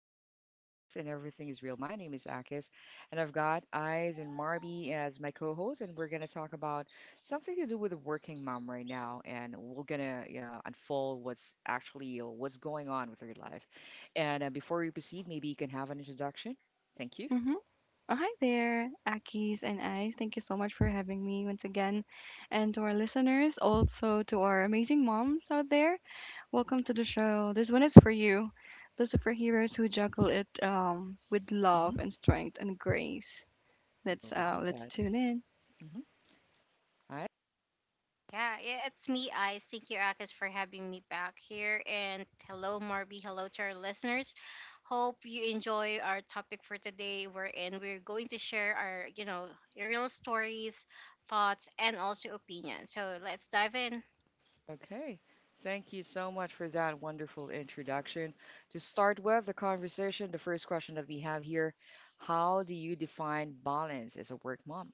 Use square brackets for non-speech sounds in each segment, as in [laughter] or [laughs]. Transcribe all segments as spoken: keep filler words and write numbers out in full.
and the vibe stays smooth and everything is real. My name is Akis and I've got Eyes and Marby as my co-host and we're gonna talk about something to do with a working mom right now, and we're gonna uh, unfold what's actually uh, what's going on with her life. And uh, before we proceed, maybe you can have an introduction. Thank you. Mm-hmm. Oh, hi there, Akis and I. Thank you so much for having me once again. And to our listeners, also to our amazing moms out there, welcome to the show. This one is for you, the superheroes who juggle it um, with Hmm. love and strength and grace. Let's uh, Love let's that. tune in. Hmm. Yeah, yeah, it's me, I. Thank you, Akis, for having me back here. And hello, Marby. Hello to our listeners. Hope you enjoy our topic for today, wherein we're going to share our, you know, real stories, thoughts, and also opinions. So let's dive in. Okay. Thank you so much for that wonderful introduction. To start with the conversation, the first question that we have here, how do you define balance as a work mom,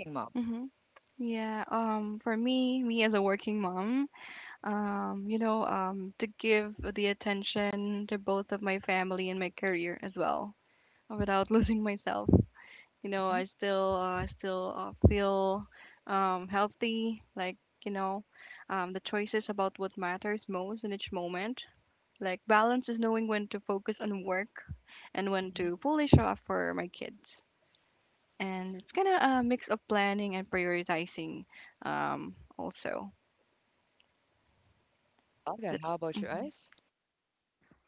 working mom? Mm-hmm. Yeah, um, for me, me as a working mom, um, you know, um, to give the attention to both of my family and my career as well, without [laughs] losing myself. You know, Mhm, I still uh, still uh, feel um, healthy, like you know, um, the choices about what matters most in each moment, like balance is knowing when to focus on work and when mhm. to fully show up for my kids. And it's kind of a mix of planning and prioritizing, um, also Love that. that's How about you mhm. guys?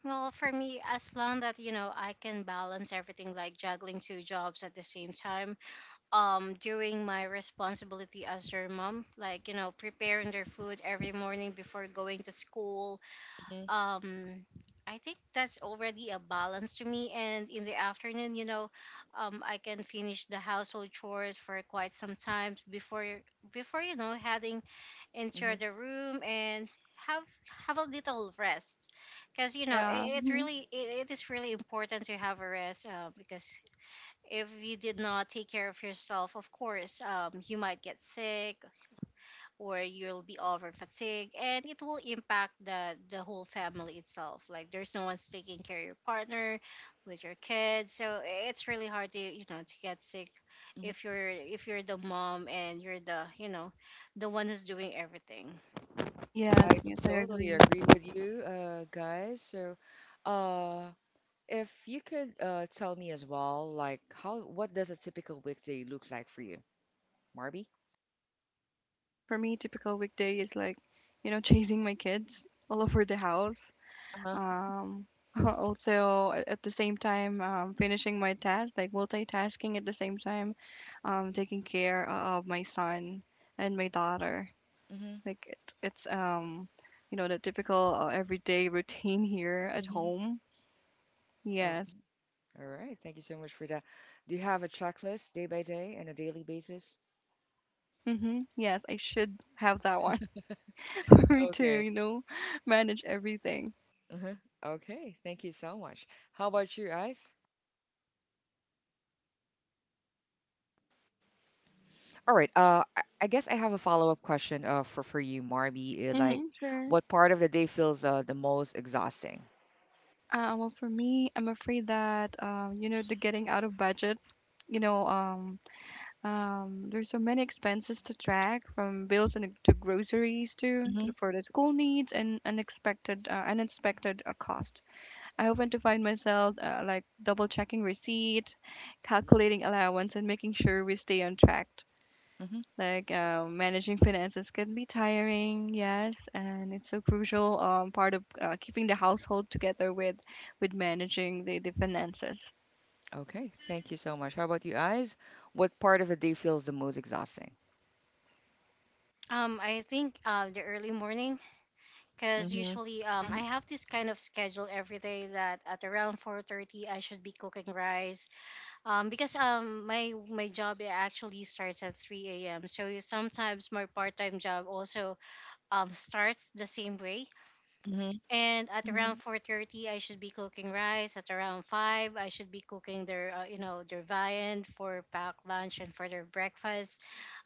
Well, for me, as long that, you know, I can balance everything like juggling two jobs at the same time, um, doing my responsibility as their mom, like, you know, preparing their food every morning before going to school. Hmm. um I think that's already a balance to me. And in the afternoon, you know, um, I can finish the household chores for quite some time before before you know heading into Hmm. the room and have have a little rest, because you know Yeah, it, it mhm. really it, it is really important to have a rest uh, because if you did not take care of yourself, of course, um, you might get sick or you'll be over fatigued, and it will impact the the whole family itself, like there's no one's taking care of your partner with your kids. So it's really hard to you know to get sick Hmm. if you're if you're the mom and you're the you know the one who's doing everything. I Yes, yes, I totally agree. agree with you, uh, guys. So, uh, if you could uh, tell me as well, like how, what does a typical weekday look like for you, Marby? For me, typical weekday is like, you know, [laughs] chasing my kids all over the house. Uh-huh. Um, [laughs] also a- at the same time um, finishing my task, like multitasking at the same time, um, taking care of my son and my daughter. Mm-hmm. Like it's it's um, you know, the typical uh, everyday [laughs] routine here at Mm-hmm. home. Yes. All right. Thank you so much for that. Do you have a checklist day by day and a daily basis? Mm-hmm. Yes, I should have that one [laughs] for me to, Okay. you know, manage everything. Uh-huh. Okay. Thank you so much. How about you, Ice? All right. Uh, I I guess I have a follow-up question uh, for for you, Marby. Uh, Mm-hmm, Like, sure. what part of the day feels uh, the most exhausting? Uh, well, for me, I'm afraid that, um, you know, the getting out of budget, you know, um, Um, there's so many expenses to track, from bills and to groceries to, to Mm-hmm. the- for the school needs and unexpected uh, unexpected uh, cost. I often to find myself uh, like double checking receipt, calculating allowance, and making sure we stay on track. Mm-hmm. Like uh, managing finances can be tiring, yes, and it's a crucial um, part of uh, keeping the household together with with managing the, the finances. Okay. Thank you so much. How about you, Ice? What part of the day feels the most exhausting? um I think uh, the early morning, because Mm-hmm. usually um Hmm. I have this kind of schedule every day that at around four thirty I should be cooking rice. Um, because um my my job it actually starts at three a m. So you- sometimes my part-time job also um starts the same way. Mm-hmm. And at around Hmm. four thirty, I should be cooking rice. At around five, I should be cooking their uh, you know their viand for packed lunch and for their breakfast.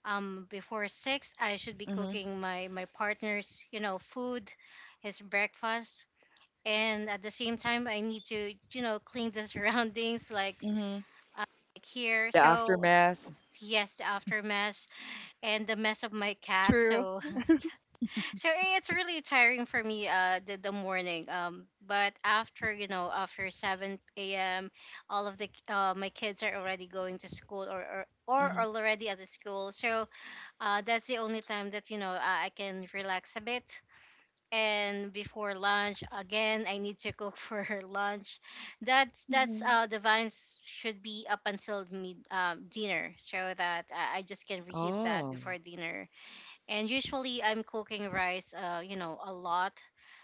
Um, before six, I should be Mm-hmm. cooking my my partner's you know food, his breakfast. And at the same time, I need to you know clean the [laughs] surroundings like Mm-hmm. uh, like here. The So aftermath. yes, the after mess and the mess of my cat. True. So [laughs] so eh, it's really tiring for me uh the, the morning, um, but after you know after seven a.m all of the uh, my kids are already going to school, or, or or Mm-hmm. already at the school. So uh that's the only time that you know i I can relax a bit. And before lunch again, I need to cook [laughs] for her lunch. That's that's Hmm. uh the vines should be up until mid um, dinner, so that I, I just can reheat that before Oh. dinner. And usually I'm cooking rice uh you know a lot,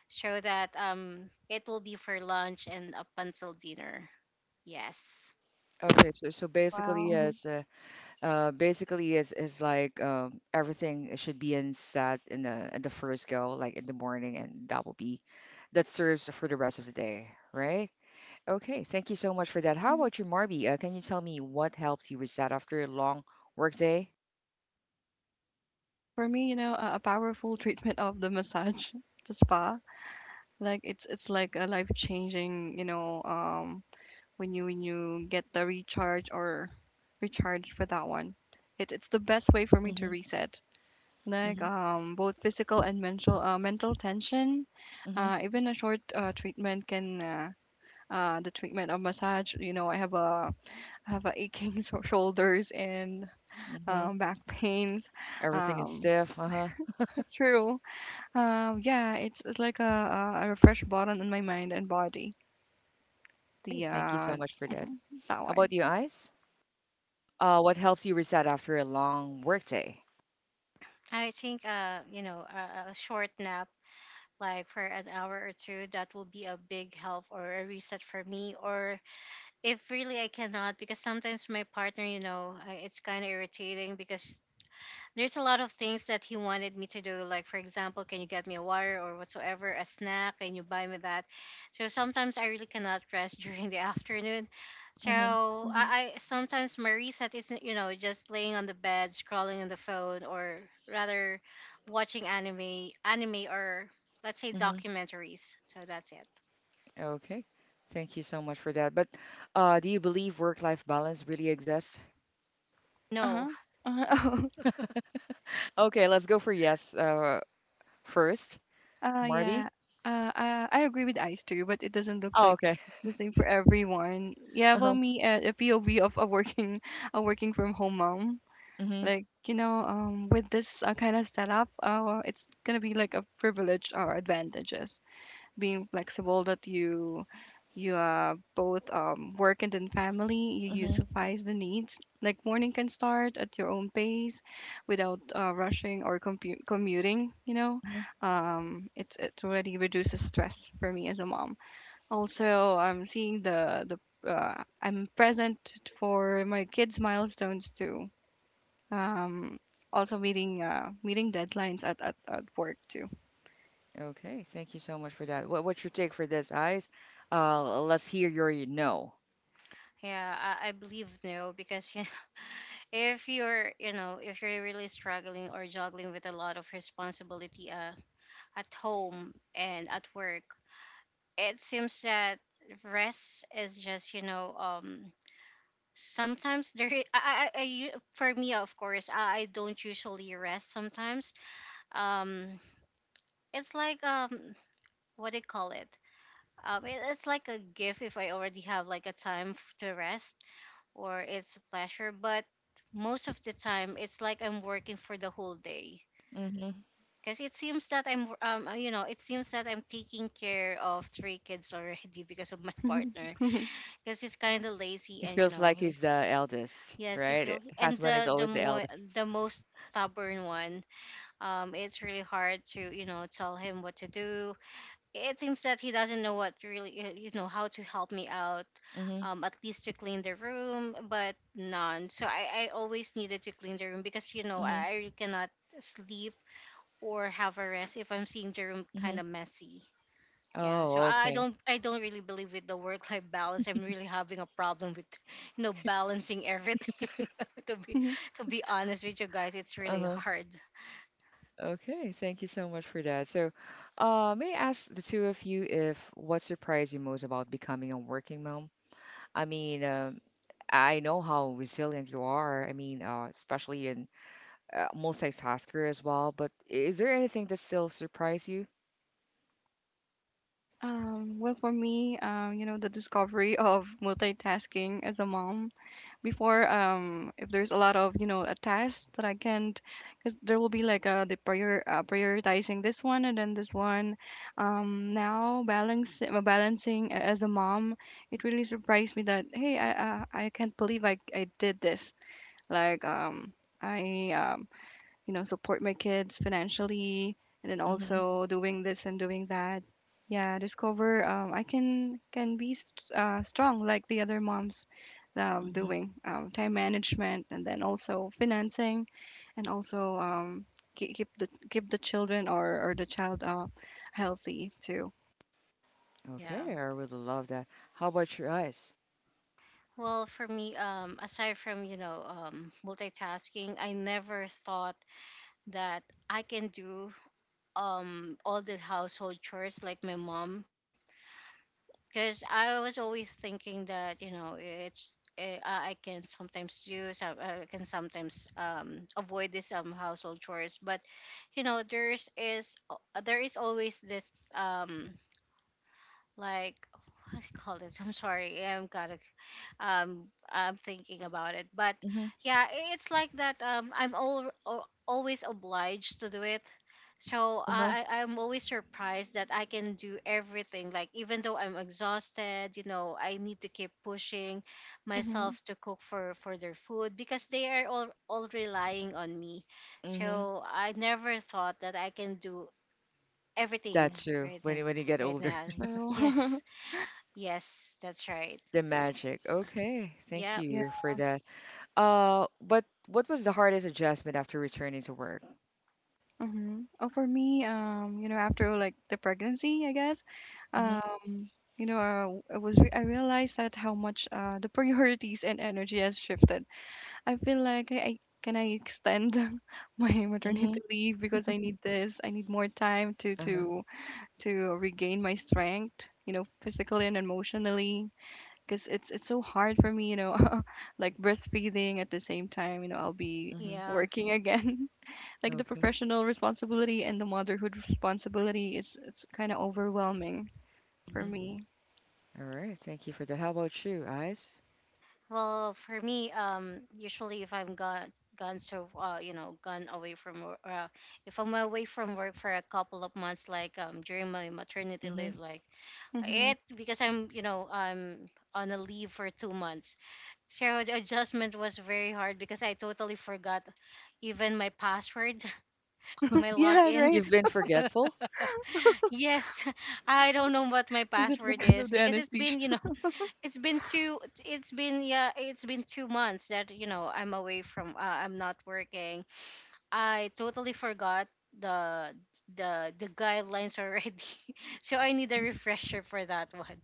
so that um it will be for lunch and up until dinner. Yes. Okay. So so basically, yeah, Wow. it's uh, Uh, basically, is is like uh, everything should be in set in the in the first go, like in the morning, and that will be that serves for the rest of the day, right? Okay, thank you so much for that. How Mhm. about you, Marby? Uh, can you tell me what helps you reset after a long work day? For me, you know, a, a powerful [laughs] treatment of the massage, [laughs] the spa, like it's it's like a life changing, you know, um, when you, when you get the recharge or recharge for that one. It, it's the best way for me to Mm-hmm, reset, like mm-hmm, um, both physical and mental uh, mental tension. mm-hmm, Uh, even a short uh, treatment can uh, uh, the treatment of massage. You know, I have a, I have a aching [laughs] shoulders and mm-hmm. um, back pains. Everything is Um, stiff. Uh-huh. true. Uh, yeah, it's it's like a a a refresh button in my mind and body. Okay, The thank you so uh, much for that. mhm, that How one. about you, Ice? Uh, what helps you reset after a long work day? I think uh you know a, a short nap like for an hour or two, that will be a big help or a reset for me. Or if really I cannot, because sometimes my partner, you know, I- it's kind of irritating because there's a lot of things that he wanted me to do. Like, for example, can you get me a water or whatsoever, a snack? Can you buy me that? So sometimes I really cannot rest [laughs] during the afternoon. So Mm-hmm, Hmm. I, I sometimes, my reset isn't, you know, just laying on the bed, scrolling on the phone, or rather watching anime, anime or let's say mm-hmm. documentaries. So that's it. Okay. Thank you so much for that. But uh, do you believe work-life balance really exists? No, Uh-huh. Uh-huh. [laughs] Okay, let's go for yes uh, first. Oh, uh, Marby? yeah. Uh, I I agree with Ice too, but it doesn't look Oh, like okay. [laughs] the same for everyone. Yeah, well, Uh-huh. me uh, a P O V of a working [laughs] a working from home mom. Hmm. Like you know, um, with this uh, kind of setup, uh, it's gonna be like a privilege or advantages, being flexible that you, you uh, both um, work and then family, you Hmm. utilize the needs. Like morning can start at your own pace without uh, rushing or compu- commuting, you know. Hmm. Um, it's it already reduces stress for me as a mom. Also, I'm seeing the the uh, I'm present for my kids milestones too. Um, also meeting uh, meeting deadlines at, at, at work too. Okay. Thank you so much for that. What, what's your take for this, Eyes? Uh, let's hear your y- no. yeah, I, I believe no, because [laughs] if you're you know if you're really struggling or juggling with a lot of responsibility uh, at home and at work, it seems that rest is just you know um sometimes there [laughs] i, I, I I u- for me of course, I, I don't usually rest sometimes. Um, it's like um what do you call it, um it, it's like a gift if I already have like a time f- to rest, or it's a pleasure. But most of the time it's like I'm working for the whole day. Hmm. Because it seems that I'm, um, uh, you know, it seems that I'm taking care of three kids [laughs] already because of my partner. Because he's kind of lazy, It and you feels know, like he- he's the eldest, yes, he right? feels. And Husband is the the always the more eldest. the most stubborn one, um, it's really hard to you know tell him what to do. It seems that he doesn't know what really uh, you know how to help me out, Hmm. um, at least to clean the room, but none. So I I always needed to clean the room, because you know Hmm. I, I really cannot sleep or have a rest if I'm seeing the room Hmm. kind of messy. Yeah, so Oh, I I okay. don't I don't really believe with the work life balance. I'm really having a problem with [laughs] you know balancing everything. [laughs] to be [laughs] to be honest with you guys, it's really Uh-huh. hard. Okay, thank you so much for that. So, uh, may I ask the two of you, if what surprised you most about becoming a working mom? I mean, um, I know how resilient you are. I mean, uh, especially in uh, multitasker as well. But is there anything that still surprised you? Um, well, for me, um, you know, the discovery of multitasking as a mom. Before, um, if there's a lot of, you know, a task that I can't, because there will be like uh the prior uh, prioritizing this one and then this one. Um, now balance uh, balancing a- as a mom, it really surprised me that hey, I, uh, I can't believe I I did this. Like um, I um, you know, support my kids financially and then Mm-hmm. also doing this and doing that. Yeah, discover um, I can can be st- uh, strong like the other moms, um, Mm-hmm. doing um, time management and then also financing, and also um, ke- keep the, keep the children or, or the child uh, healthy too. Yeah. Okay, I really love that. How about your eyes? Well, for me, um, aside from you know um, multitasking, I never thought that I can do um all the household chores like my mom, because I was always thinking that you know it's eh, I I can sometimes do some I can sometimes um avoid this um household chores. But you know there's is al- there is always this um like what do you call this? I'm sorry, I'm gotta um I'm thinking about it but Mm-hmm. yeah, i- it's like that, um i'm all, always obliged to do it. So Uh-huh. I, I- I'm always surprised that I can do everything. Like even though I'm exhausted, you know, I need to keep pushing Mm-hmm, myself to cook for for their food because they are all, all relying on me. Mm-hmm. So I never thought that I can do everything That's true. right When now. you when you get right older, now [laughs] true. yes, [laughs] yes, that's right. the magic. Okay, thank Yeah. Yeah. you for that. Uh, but what was the hardest adjustment after returning to work? Mm-hmm. Oh, for me, um, you know, after like the pregnancy, I guess, Hmm. um, you know, uh, I was re I realized that how much uh the priorities and energy has shifted. I feel like I, I can I extend [laughs] my maternity Hmm. leave because I need this. I need more time to Uh-huh. to to regain my strength, you know, physically and emotionally, because it's it's so hard for me, you know, [laughs] like breastfeeding at the same time, you know, I'll be Mm-hmm. Yeah. working [laughs] again, like the Okay. professional responsibility and the motherhood responsibility is, it's kind of overwhelming for Mm-hmm. me. All right. Thank you for that. How about you, Ice? Well, for me, um, usually if I'm gone, gone so uh, you know, gone away from work, uh, if I'm away from work for a couple of months, like um during my maternity Mm-hmm. leave, like Hmm. it because I'm you know I'm on a leave for two months. So the adjustment was very hard, because I totally forgot even my password, [laughs] my Yeah, right? logins. You've been [laughs] forgetful? Yes, [laughs] I don't know what my Is it password because of is, the because it's anesthesia? been you know it's been two it's been yeah it's been two months that you know I'm away from uh, I'm not working. I totally forgot the the the guidelines already. [laughs] So I need a refresher for that one.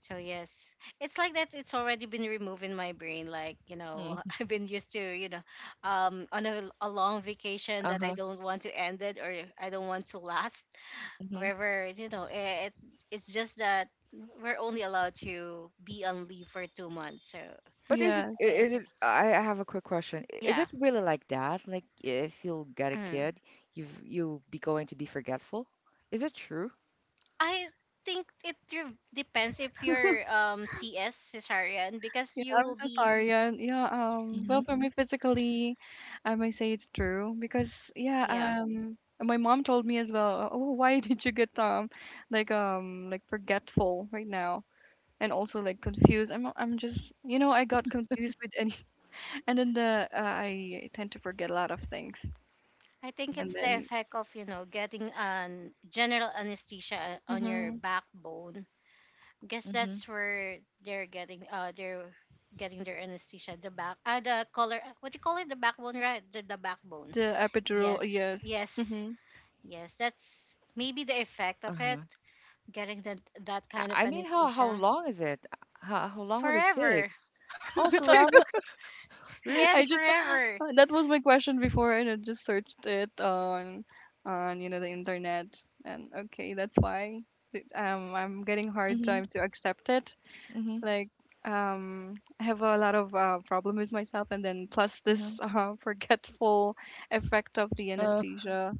So yes, it's like that, it's already been removed in my brain, like you know Hmm. [laughs] I've been used to you know um on a, a long vacation that I Uh-huh. don't want to end it, or I don't want to last. Mm-hmm. However, you know, eh, it, it's just that we're only allowed to be on leave for two months. So, But is it, Yeah, i- is it's, it, I I have a quick question. I- Is yeah. it really like that? Like, if you'll get a Mm. kid, you've, you'll be going to be forgetful? Is it true? I think it re- depends if you're um C S cesarean, because yeah, you I'm will so be. sorry. Yeah, yeah. Um, well, Hmm. for me physically, I might say it's true because yeah. Yeah. Um, my mom told me as well. Oh, oh, why [laughs] did you get um, like um, like forgetful right now, and also like confused. I'm I'm just you know I got confused with any, [laughs] and then the uh, I tend to forget a lot of things. I think And it's the then effect of you know getting an general anesthesia on your mhm, backbone. Guess Mm-hmm. that's where they're getting uh they're getting their anesthesia, the back uh the color, what do you call it, the backbone, right, the, the backbone. the epidural, Yes, yes. yes, Hmm. yes. That's maybe the effect of it, Uh-huh. getting that that kind I of I mean, how, how anesthesia long is it? How, how long would it take? forever. Oh, [laughs] forever? [laughs] Really? Yes, I just forever. uh, that was my question before, and I just searched it on on you know the internet, and okay, that's why th- um I'm getting hard Mm-hmm. time to accept it. Like um I have a lot of uh, problem with myself, and then plus Mhm. this [laughs] uh, forgetful effect of the Uh, anesthesia.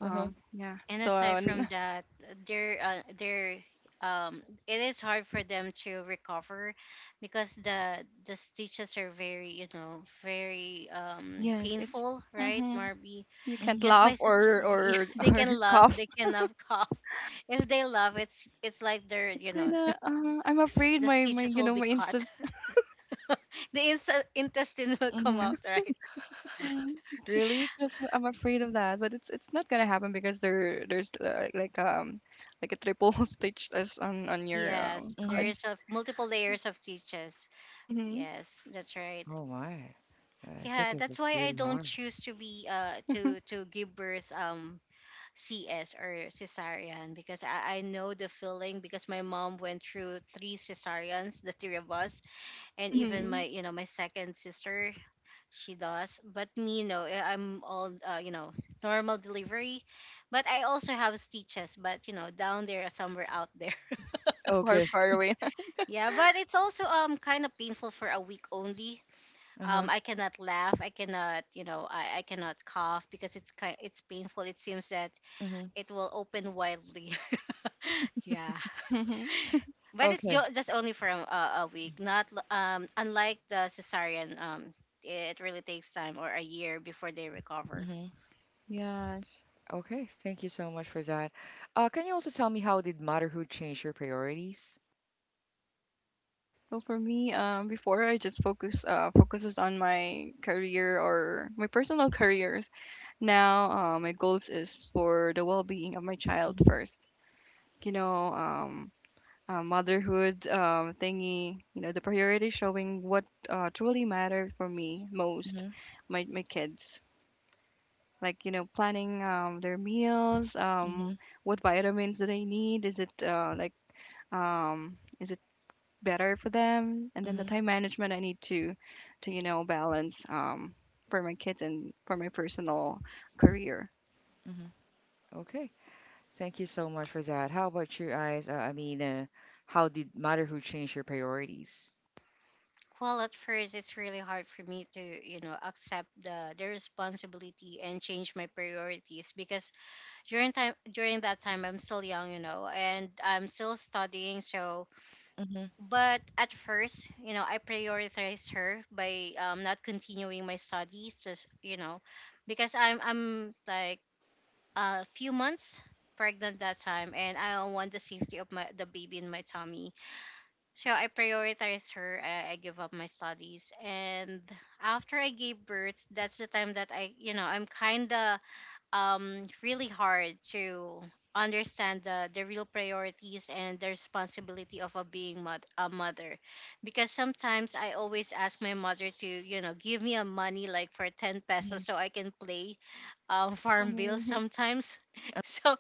uh-huh. Um yeah, And so aside from um, that, they're uh, they're um it is hard for them to recover because the the stitches are very you know very um yes, it's painful, right, hmm, Marby? you can't Mhm. Because laugh my sister [laughs] or yeah, or [laughs] they or can laugh cough. they can cannot [laughs] cough. If they laugh, it's it's like they're It's you know kinda, uh, I'm afraid the my my, stitches you will know, be my cut, instant. the ins- intestine [laughs] will come Mhm. out, right? Mm. just just Really? just I'm afraid of that, but it's it's not gonna happen because there, there's like, like, um, like a triple [laughs] stitch as on on your, um, Yes, there cut. Mhm. is a multiple layers of stitches. Mhm. Yes, that's right. Oh my. Yeah, I think Yeah, it's that's just why I really don't hard. choose to be uh to to give birth um C S or cesarean, because I, I know the feeling, because my mom went through three cesareans, the three of us, and even Mhm. my [laughs] you know my second sister, she does. But me, no, I- I'm all uh, you know, normal delivery, but I also have stitches. But you know down there somewhere out there. Far, Okay. far away. [laughs] Yeah, but it's also um kind of painful for a week only. Uh-huh. Um, I cannot laugh. I cannot, you know, I, I cannot cough because it's kind it's painful. It seems that Mhm. it will open wildly. [laughs] Yeah, Mhm. but it's Okay. ju- just only for a, a week. Not l- um unlike the cesarean, um, it really takes time or a year before they recover. Mhm. Yes. Okay. Thank you so much for that. Uh, can you also tell me, how did motherhood change your priorities? So for me, um, before I just focus uh, focuses on my career or my personal [laughs] careers. Now, uh, my goals is for the well-being of my child Mhm. first. You know, um, uh, motherhood um, thingy. You know, the priority showing what uh, truly mattered for me most, Mhm. my my kids. Like you know, planning um, their meals, um, Mhm. what vitamins do they need? Is it uh, like um, is it better for them? And then the Mhm. time management I need to to you know balance um, for my kids and for my personal career. Mhm. Okay. Thank you so much for that. How about you guys? Uh, I mean, uh, how did motherhood change your priorities? Well, at first it's really hard for me to you know accept the the responsibility and change my priorities, because during time during that time I'm still young, you know, and I'm still studying. So, Mhm. but at first, you know, I prioritized her by um, not continuing my studies, just you know, because I'm I'm like a few months pregnant that time, and I want the safety of my the baby in my tummy. So I prioritized her. I, I give up my studies, and after I gave birth, that's the time that I you know I'm kinda um really hard to understand the the real priorities and the responsibility of a being mod- a mother, because sometimes I always ask my mother to you know give me a money like for ten Mhm. pesos so I can play um [laughs] farm bill Mm-hmm. sometimes. [laughs] so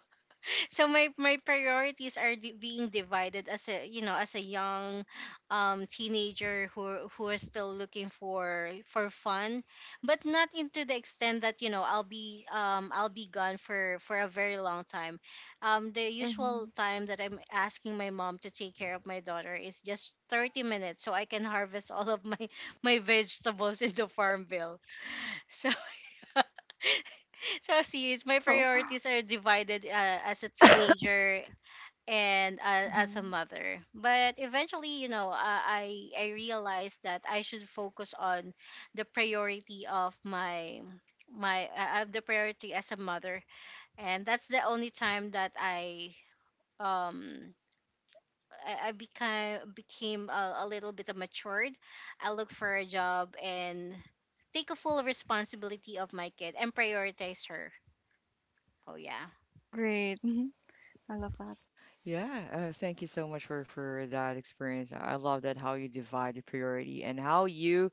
so my my priorities are di- being divided as a you know as a young um teenager who who is still looking for for fun, but not into the extent that you know I'll be um I'll be gone for for a very long time. Um the usual Mm-hmm. time that I'm asking my mom to take care of my daughter is just thirty minutes so I can harvest all of my [laughs] my vegetables in the farm bill. So [laughs] so see, it's my priorities are divided, uh, as a teenager and uh, as a [laughs] mother. But eventually, you know, uh, I I realized that I should focus on the priority of my my uh, uh, the priority as a mother, and that's the only time that I um. I I became became a, a little bit matured. I look for a job and take a full responsibility of my kid and prioritize her. Oh yeah, Great, mhm. I love Yeah, uh, thank you so much for for that experience. I love that, how you divide the priority and how you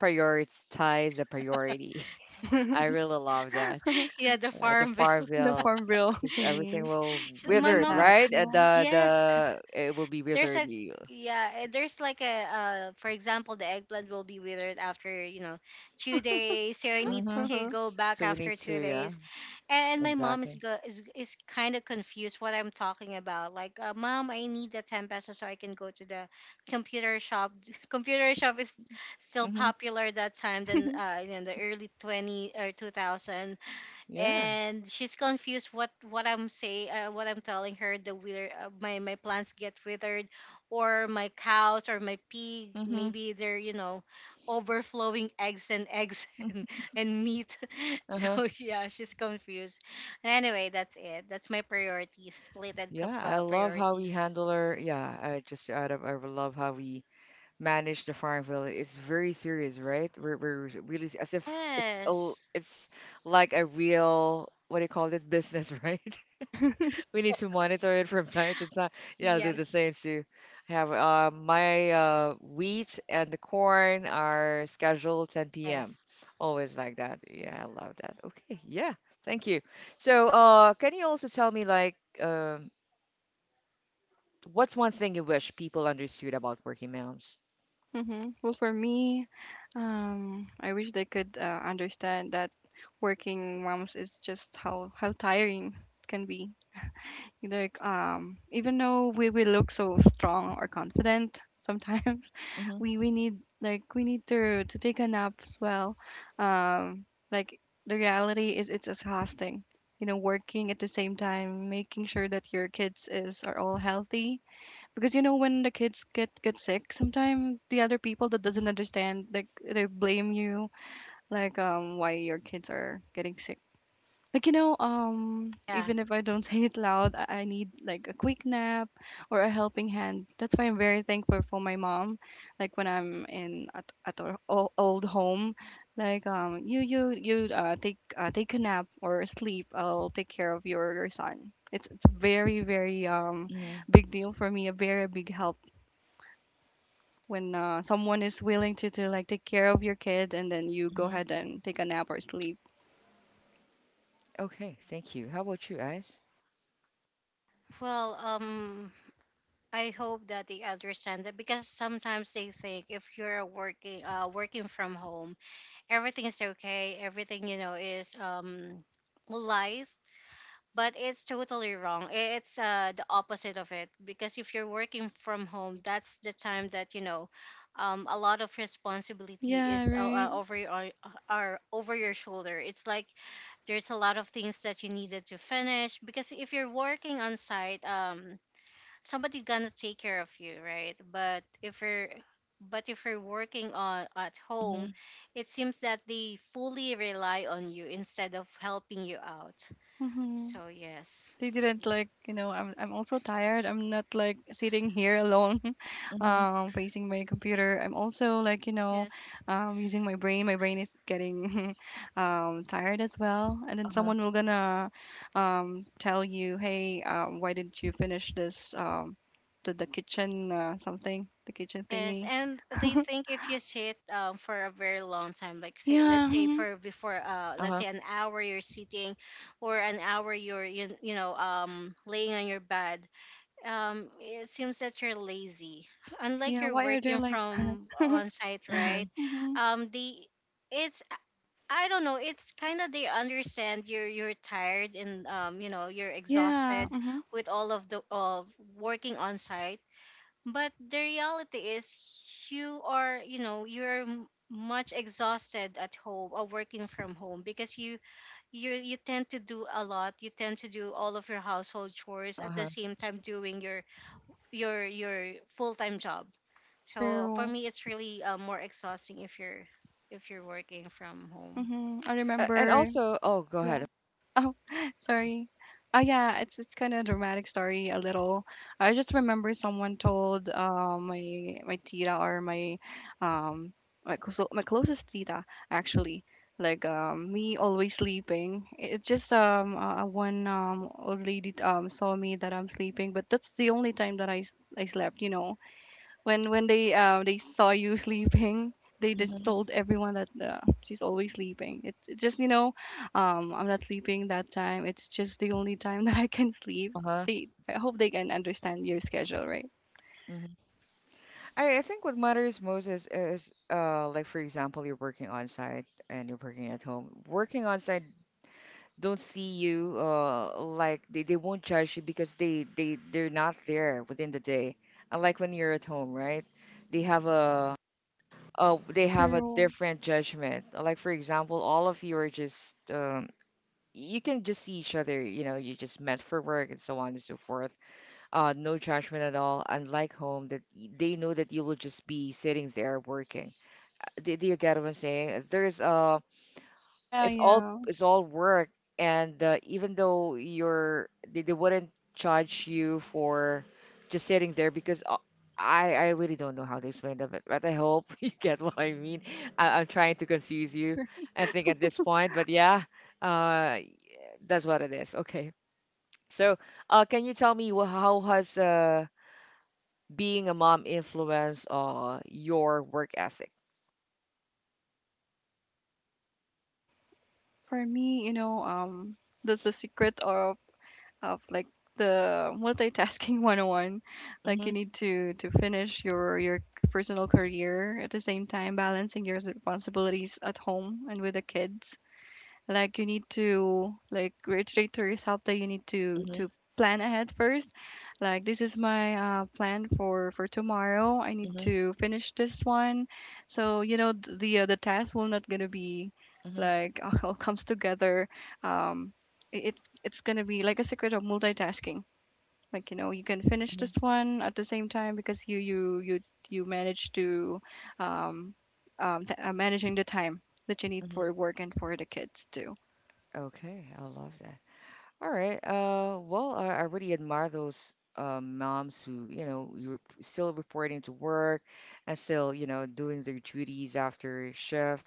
prioritize the priority. [laughs] that. [laughs] I really love that. [laughs] yeah, the Uh, the farm bill. The Farville, Farmville [laughs] because everything thingy. will [laughs] We My need withered, mom's that. right? Uh, Yeah. the yes, the it will be there's withered. a You. yeah eh, there's like a uh for example the eggplant will be withered after you know two days, so I need Mm-hmm. to Uh-huh. go back So we after need two to, days yeah, And my mom is exactly. go is, is kind of confused what I'm talking about, like, uh, mom, I need the ten pesos so I can go to the computer shop [laughs] computer shop is still Mm-hmm. popular that time, then uh in the early twenty or two thousand. Yeah. And she's confused what what I'm saying, uh, what I'm telling her. The wither, uh, my my plants get withered, or my cows or my pig. Mm-hmm. Maybe they're, you know, overflowing [laughs] eggs and eggs [laughs] and, and meat. [laughs] Uh-huh. So yeah, she's confused. And anyway, that's it. That's my priorities, split and cup Yeah, I uh, love how we priorities. handle our. Yeah, I just out of I love how we manage the farm village. It's very serious, right? We're, we're really, as if it's a, Yes. it's like a real, what do you call it, business, [laughs] right? [laughs] We need to monitor it from time to time. Yeah, I'll do the Yes. same too. I have uh, my uh, wheat and the corn are scheduled ten p m. Yes. Always like that. Yeah, I love that. Okay, yeah, thank you. So, uh, can you also tell me, like, um, what's one thing you wish people understood about working moms? Hmm. Well, for me, um, I wish they could uh, understand that working moms is just how how tiring it can be. Like um, even though we we look so strong or confident sometimes, [laughs] Mm-hmm, we we need, like we need to to take a nap as well. Um, like the reality is it's exhausting, you know, working at the same time making sure that your kids is, are all healthy, because you know when the kids get get sick, sometimes the other people that doesn't understand, like they blame you, like um, why your kids are getting sick. Like you know, um, Yeah. even if I don't [laughs] say it loud, I I need like a quick nap or a helping hand. That's why I'm very thankful for my mom. Like when I'm in at, at our o- old home, like um, you you you uh, take uh, take a nap or sleep. I'll take care of your, your son. It's it's very, very um mm-hmm. big deal for me. A very big help when uh, someone is willing to to like take care of your kid and then you go ahead and take a nap or sleep. Okay, thank you. How about you guys? Well, um, I hope that they understand that, because sometimes they think if you're working, uh working from home, everything is okay, everything, you know, is um lies, but it's totally wrong. I- It's uh the opposite of it, because if you're working from home, that's the time that, you know, um a lot of responsibility Yeah, is uh, uh, right. over your are are over your shoulder. It's like there's a lot of things that you needed to finish, because if you're working on site, um somebody gonna take care of you, right? But if you're but if you're working on at home, Mhm. it seems that they fully rely on you instead of helping you out. Mm-hmm. So yes. They didn't, like you know, i'm i'm also tired. I'm not like sitting here alone [laughs] Mhm. um facing my computer. I'm also like you know Yes. um, using my brain. My brain is getting [laughs] um tired as well, and then Uh-huh. someone will gonna um tell you, hey um, why didn't you finish this um, the, the kitchen uh, something, the kitchen Yes. thingy. And they think if you sit, um, for a very long time, like say, Yeah, let's say mhm. for before uh let's Uh-huh. say an hour you're sitting, or an hour you're, you, you know, um laying on your bed, um, it seems that you're lazy. [laughs] Unlike Yeah, you're why are there working like from on site, right? Mhm. [gasps] hmm, Um, the it's I don't know. It's kind of they understand you're you're tired and, um, you know, you're yeah, exhausted hmm, with all of the of working on site. But the reality is you are, you know, you're m- much exhausted at home or working from home, because you you you tend to do a lot, you tend to do all of your household chores at the Uh-huh. same time doing your your your full-time job. So for true, me, it's really, uh, more exhausting if you're if you're working from home. hmm, I A- And remember, also, oh, go yeah. ahead. Oh, [laughs] sorry. Oh yeah, it's it's kind of a dramatic story a little. I just remember someone told uh, my, my tita or my um, my clo- my closest tita actually, like um, me always sleeping. It- It's just um uh, one um old lady um saw me that I'm sleeping, but that's the only time that I s- I slept, you know, when when they uh, they saw you [laughs] sleeping, they just Mhm. told everyone that uh, she's always sleeping. It's it's just you know. um, I'm not sleeping that time, it's just the only time [laughs] that I can sleep. Uh-huh. They, I hope they can understand your schedule, right? Mhm. I, I think what matters most is, is uh like, for example, you're working on site and you're working at home. Working on site don't see you, uh like, they, they won't judge you because they, they they're not there within the day. Unlike when you're at home, right? They have a uh they have a True. different judgment. Like, for example, all of you are just um you can just see each other, you know, you just met for work and so on and so forth. Uh, no judgment at all. Unlike home, that y- they know that you will just be sitting there working. Uh, Do, do you get what I'm saying? There's uh, Yeah, it's all yeah. it's all work, and uh, even though you're, they, they wouldn't charge you for just sitting there because. Uh, I, I really don't know how to explain that, but, but I hope [laughs] you get what I mean. I, I'm trying to confuse you, I think, at this point, but yeah, uh, that's what it is. Okay. So, uh, can you tell me, wh- how has uh, being a mom influenced uh, your work ethic? For me, you know, um the, the secret of of like the multitasking [laughs] one oh one, like Mm-hmm, you need to to finish your your personal career at the same time balancing your responsibilities at home and with the kids. Like you need to like reiterate to yourself that you need to mm-hmm, to plan ahead first. Like this is my uh, plan for for tomorrow. I need mm-hmm, to finish this one, so you know, th- the uh, the task will not gonna be mm-hmm, like [laughs] all comes together. um it it- it's gonna be like a secret of multitasking. Like you know, you can finish mm-hmm, this one at the same time because you you you you manage to um, um t- uh, managing the time that you need mm-hmm. for work and for the kids too. Okay, I love that. All right. Uh, well, I, I really admire those uh, moms who, you know, you're p- still reporting to work and still, you know, doing their duties after shift.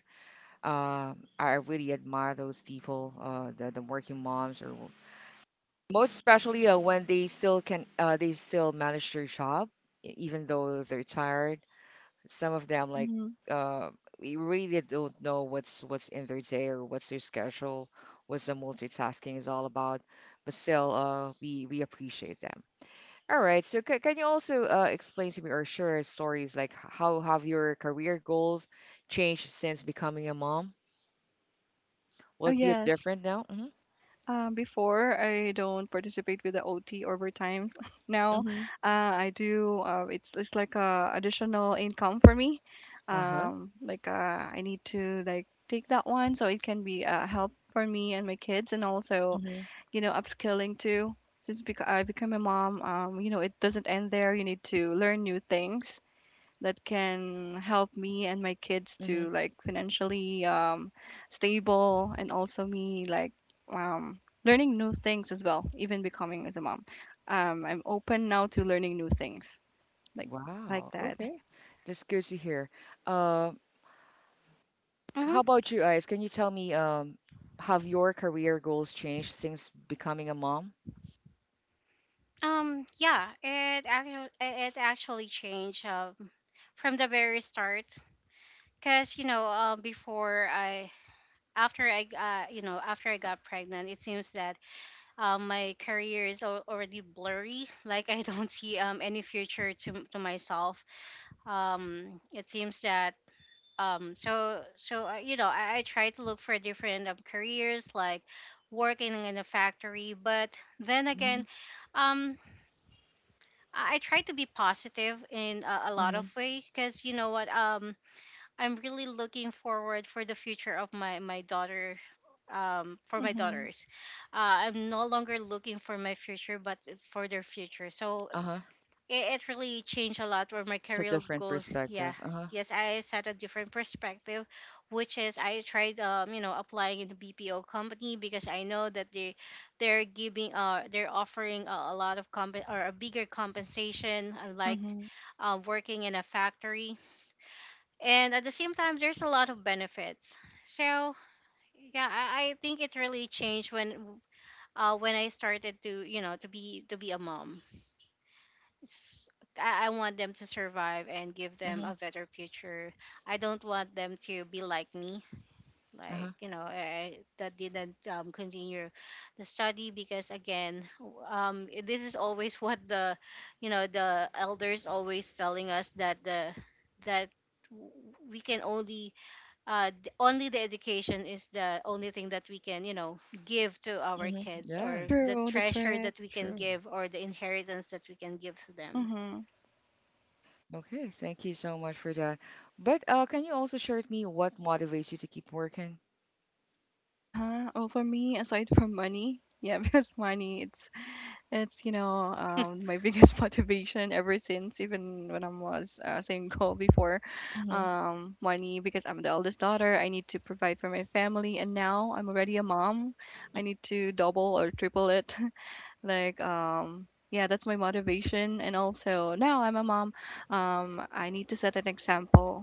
Um, I really admire those people, uh, the, the working moms, or most especially uh, when they still can uh, they still manage their job, e- even though they're tired, some of them, like, Mm-hmm. uh, we really don't know what's what's in their day or what's their schedule, what's the multitasking is all about, but still, uh, we we appreciate them. All right, so c- can you also uh, explain to me or share stories, like, h- how have your career goals changed since becoming a mom? Will Oh it be yes. different now? Mm-hmm. Um, before I don't participate with the O T overtimes. [laughs] Now, Mm-hmm. uh, I do. Uh, it's it's like a additional income for me. Uh-huh. Um, like uh, I need to like take that one so it can be a help for me and my kids, and also Mm-hmm. you know upskilling too. Since bec- I become a mom, um, you know it doesn't end there. You need to learn new things that can help me and my kids to like financially um, stable, and also me like um, learning new things as well, even becoming as a mom. um, I'm open now to learning new things, like like Wow. that. Okay. That's good to hear. Uh, Hmm. how about you guys? Can you tell me, um, have your career goals changed since becoming a mom? Um yeah, it actually it actually changed, um, from the very start, because, you know, uh, before I after I uh, you know, after I got pregnant, it seems that um, my career is al- already blurry. [laughs] Like I don't see um, any future to, to myself. Um, it seems that um so so uh, You know, I, I try to look for different, um, careers like working in a factory, but then Mm-hmm. again, um i I try to be positive in a, a lot of Mm-hmm. ways, because you know what, um I'm really looking forward for the future of my my daughter, um for my Mm-hmm. daughters. uh, I'm no longer looking for my future, but for their future. So Uh-huh. it, it really changed a lot for my It's a career different goals. Yeah. perspective. Uh-huh. Yes, I set a different perspective, which is I tried, um, you know, applying in the B P O company, because I know that they, they're giving, uh, they're offering a, a lot of comp or a bigger compensation, unlike, Mm-hmm. uh, working in a factory. And at the same time, there's a lot of benefits. So yeah, I, I think it really changed when, uh, when I started to, you know, to be to be a mom. s- I I want them to survive and give them Mm-hmm. a better future. I don't want them to be like me, Uh-huh. like, you know, I, I- that didn't, um, continue the study, because again, w- um, i- this is always [laughs] what the, you know, the elders always telling us, that the that w- we can only uh d- only the education is the only thing that we can, you know, give to our Mm-hmm. kids, Yeah, or the True, that's treasure right. that we can true. give, or the inheritance that we can give to them. Mm-hmm. Okay, thank you so much for that. But uh, can you also share with me, what motivates you to keep working? Uh-huh. Oh, for me, aside from money, yeah, [laughs] because money, it's It's, you know, um, my biggest [laughs] motivation ever since, even when I was uh, single before, Mm-hmm. um, money, because I'm the eldest daughter. I need to provide for my family, and now I'm already a mom. I need to double or triple it. [laughs] Like, um, yeah, that's my motivation. And also, now I'm a mom. Um, I need to set an example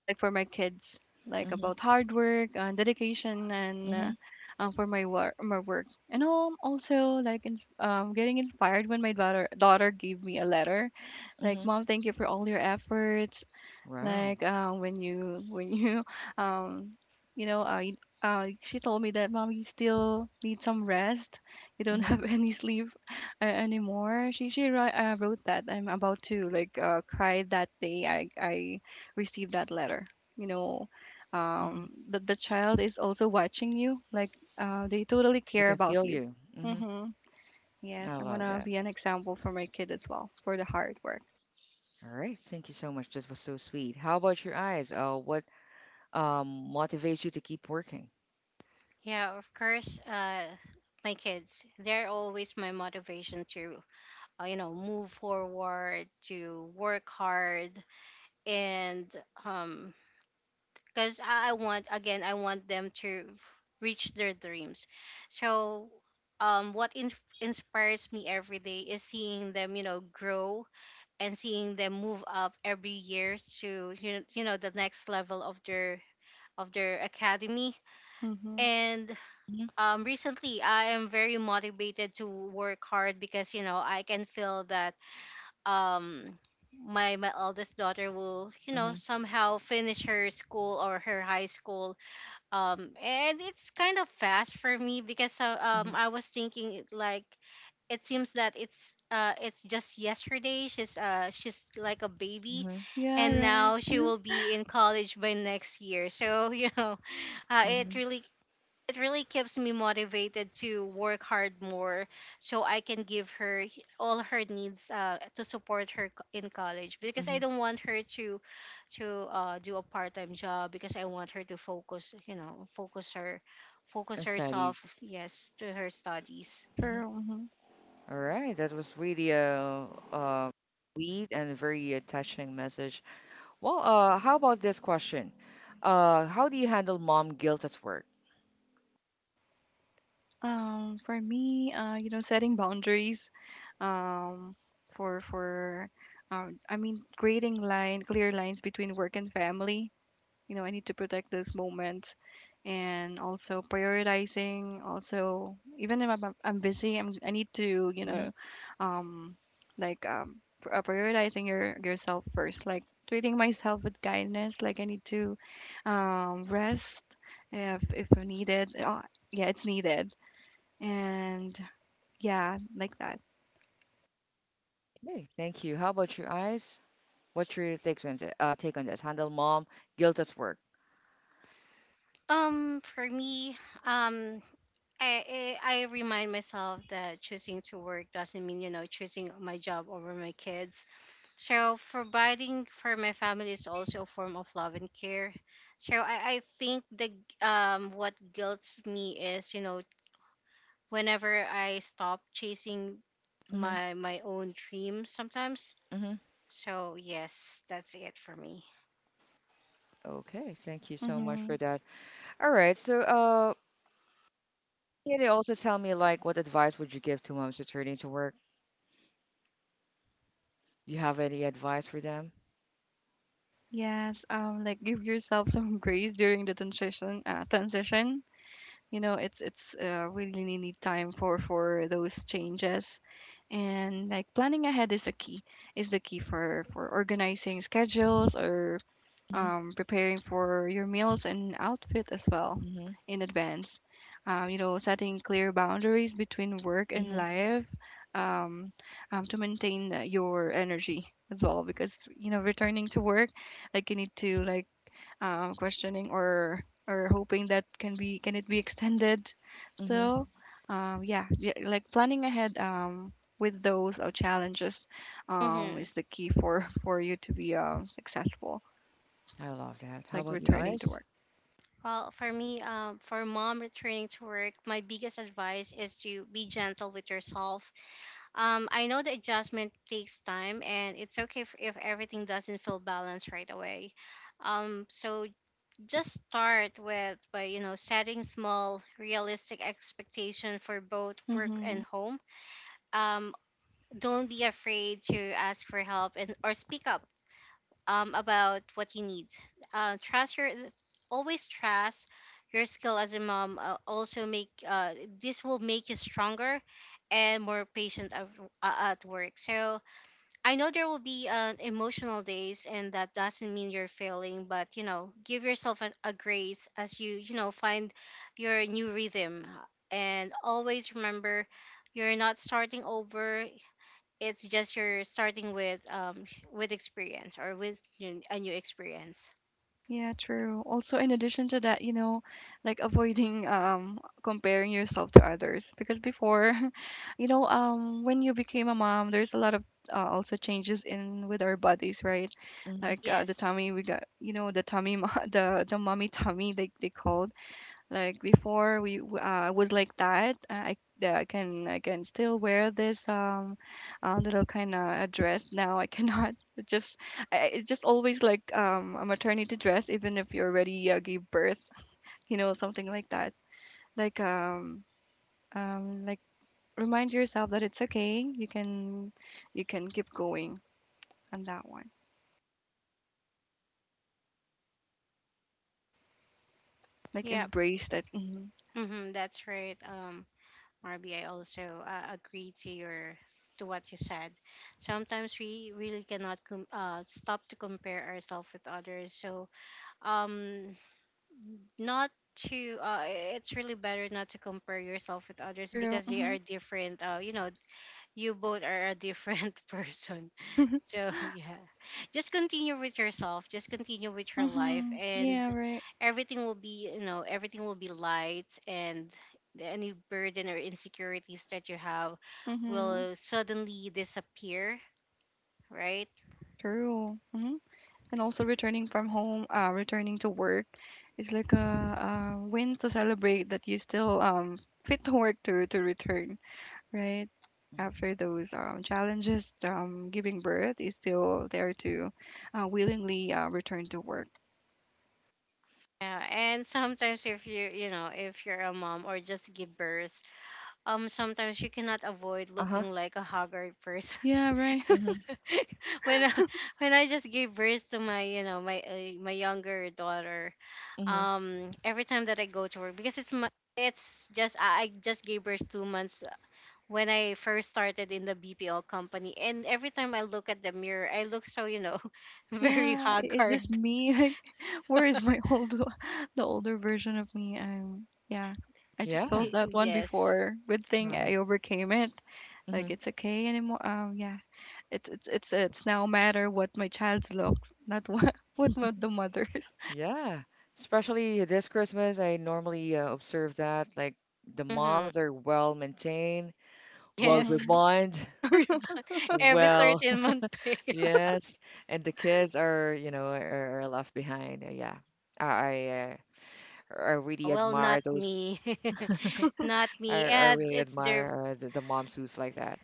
like for my kids, like Mm-hmm. about hard work and dedication and uh, Mm-hmm. um, for my work, my work. And um, also like in, um, getting inspired when my daughter daughter gave me a letter like, Mm-hmm. "Mom, thank you for all your efforts." Wow. Like uh, when you when you [laughs] um you know uh, you- uh she told me that, "Mom, you still need some rest, you don't Mm-hmm. have [laughs] any sleep uh, anymore." She she wri- uh, wrote that. I'm about to like uh, cry that day. I I received that letter, you know, Mm-hmm. um that the child is also watching you, like uh, they totally We care can about feel you. you. Mm-hmm. Mm-hmm. I Yes, I want love to that. be an example for my kid as well, for the hard work. All right. Thank you so much. This was so sweet. How about your eyes? Uh, what um motivates you to keep working? Yeah, of course. Uh, my kids, they're always my motivation to, uh, you know, move forward, to work hard, and um, because I I want, again, I want them to reach their dreams. So, um, what in- inspires me every day is seeing them, you know, grow, and seeing them move up every year to, you know, you know, the next level of their of their academy. Mm-hmm. And Mm-hmm, um, recently I am very motivated to work hard, because you know I can feel that, um, my my eldest daughter will, you know, mm-hmm, somehow finish her school or her high school. Um, and it's kind of fast for me, because, uh, um, I was thinking it, like it seems that it's, uh, it's just yesterday she's, uh, she's like a mm-hmm, baby, mm-hmm, Yeah, and right. now she will [laughs] be in college by next year, so [laughs] you know, uh, mm-hmm, it really, it really keeps me motivated to work hard more, so I can give her h- all her needs, uh, to support her co- in college, because I mm-hmm. don't want her to to uh, do a part-time job, because I want her to focus, you know, focus her focus herself, Studies. yes, to her studies. Mm-hmm. True. Mm-hmm. All right. That was really a, uh, uh, sweet and very uh, touching message. Well, uh, how about this question? Uh, how do you handle mom guilt at work? Um, for me, uh, you know, setting boundaries, um, for for, um, I mean, creating line clear lines between work and family. You know, I need to protect those moments, and also prioritizing. Also, even if I'm I'm I'm busy, I'm I need to, you Mm-hmm. know, um, like um, pr- uh, prioritizing your yourself first. Like treating myself with kindness. Like I need to um, rest if if needed. Uh, yeah, it's needed. And yeah, like that. Okay. Thank you. How about your eyes? What's your takes on it? Uh, take on this? Handle mom guilt at work. Um for me, um I, I I remind myself that choosing to work doesn't mean, you know, choosing my job over my kids. So providing for my family is also a form of love and care. So I, I think the g- um what guilts me is, you know, whenever I stop chasing Mm-hmm, my my own dreams sometimes. mm-hmm. So yes, that's it for me. Okay. Thank you so much Mm-hmm. for that. All right. So, uh, can you also tell me, like, what advice would you give to moms returning to work? Do you have any advice for them? Yes, um, like give yourself some [laughs] grace during the transition. Uh, transition, you know, it's it's uh, we really need time for for those changes, and like planning ahead is a key, is the key for for organizing schedules or Mm-hmm. um, preparing for your meals and outfit as well Hmm. in advance. Um, you know, setting clear boundaries between work and Hmm. life, um, um, to maintain uh, your energy as well. Because you know, returning to work, like you need to like um, questioning or or hoping that can be, can it be extended Hmm. still. Um, yeah, yeah, like planning ahead um, with those uh, challenges um, Mm-hmm. is the key for [laughs] for you to be um, successful, I love that. How like about you, returning to Ice? work. Well, for me, um, for mom returning to work, my biggest advice is to be gentle with yourself. Um, I know the adjustment takes time, and it's okay if, if everything doesn't feel balanced right away. Um, so just start with by, you know, setting small, realistic expectation for both work Mm-hmm. and home. Um, don't be afraid to ask for help and or speak up um, about what you need. Uh, trust your always trust your skill as a mom. Uh, also make, uh, this will make you stronger and more patient at, uh, at work. So I know there will be, uh, emotional days, and that doesn't mean you're failing, but you know, give yourself a, a grace as you, you know, find your new rhythm. And always remember, you're not starting over. It's just you're starting with um with experience, or with, you know, a new experience. Yeah, true. Also, in addition to that, you know, like avoiding um comparing yourself to others, because before, [laughs] you know, um when you became a mom, there's a lot of uh, also changes in with our bodies, right? Mm-hmm. Like uh, the Yes. tummy we got, you know, the tummy, mo- [laughs] the the mommy tummy they they called. Like before, we w- uh, was like that. Uh, I that I can, I can still wear this um uh, little kind of a dress. Now I cannot. [laughs] It just, I, I- it's just always like um a maternity dress, even if you already uh, gave birth. [laughs] You know, something like that. Like um um like remind yourself that it's okay. You can you can keep going on that one. Like Yep. embrace that. Hmm. Mm-hmm, that's right. Um. Marby, I also, uh, agree to your to what you said. Sometimes we really cannot com- uh, stop to compare ourselves with others. So, um, not to uh, it's really better not to compare yourself with others, True. because they Mm-hmm. are different. Uh, you know, you both are a different [laughs] person. So yeah, just continue with yourself. Just continue with your life, Mm-hmm. and Yeah, right. everything will be, you know, everything will be light, and any burden or insecurities that you have Mm-hmm. will suddenly disappear. Right? True. Mm-hmm. And also returning from home, uh, returning to work is like a, a win to celebrate that you still um [laughs] fit to work to to return, right? After those um, challenges, um, giving birth is still there to uh, willingly uh, return to work. Yeah, and sometimes if you, you know, if you're a mom or just give birth, um, sometimes you cannot avoid Uh-huh. looking like a haggard [laughs] person. Yeah, right. Hmm. [laughs] when I, when I just gave birth to my you know my uh, my younger daughter, Hmm. um, every time that I go to work because it's my, it's just I, I just gave birth two months when I first started in the B P O company, and every time I look at the mirror, I look so you know [laughs] very Yeah, i- is this haggard. me? [laughs] Like, where is my old, [laughs] the older version of me? Um, yeah, I just Yeah. felt The- that one Yes. before. Good thing I overcame it. Mm-hmm. Like, it's okay anymore. Um, yeah, it's it's it's it's now matter what my child's looks, not what [laughs] what mo- the mother's. Yeah. Especially this Christmas, I normally uh, observe that, like, the Mm-hmm. moms are well maintained, [laughs] well Yes, [laughs] Mhm. refined, Ribbon. [laughs] Every well, thirteen month [laughs] pay. [laughs] yes, and the kids are, you know, are, are left behind. Uh, Yeah. I, I uh, I, really Well, not admire those. me. [laughs] Not I, me. I And really it's their. admire uh, the, the moms who's like that.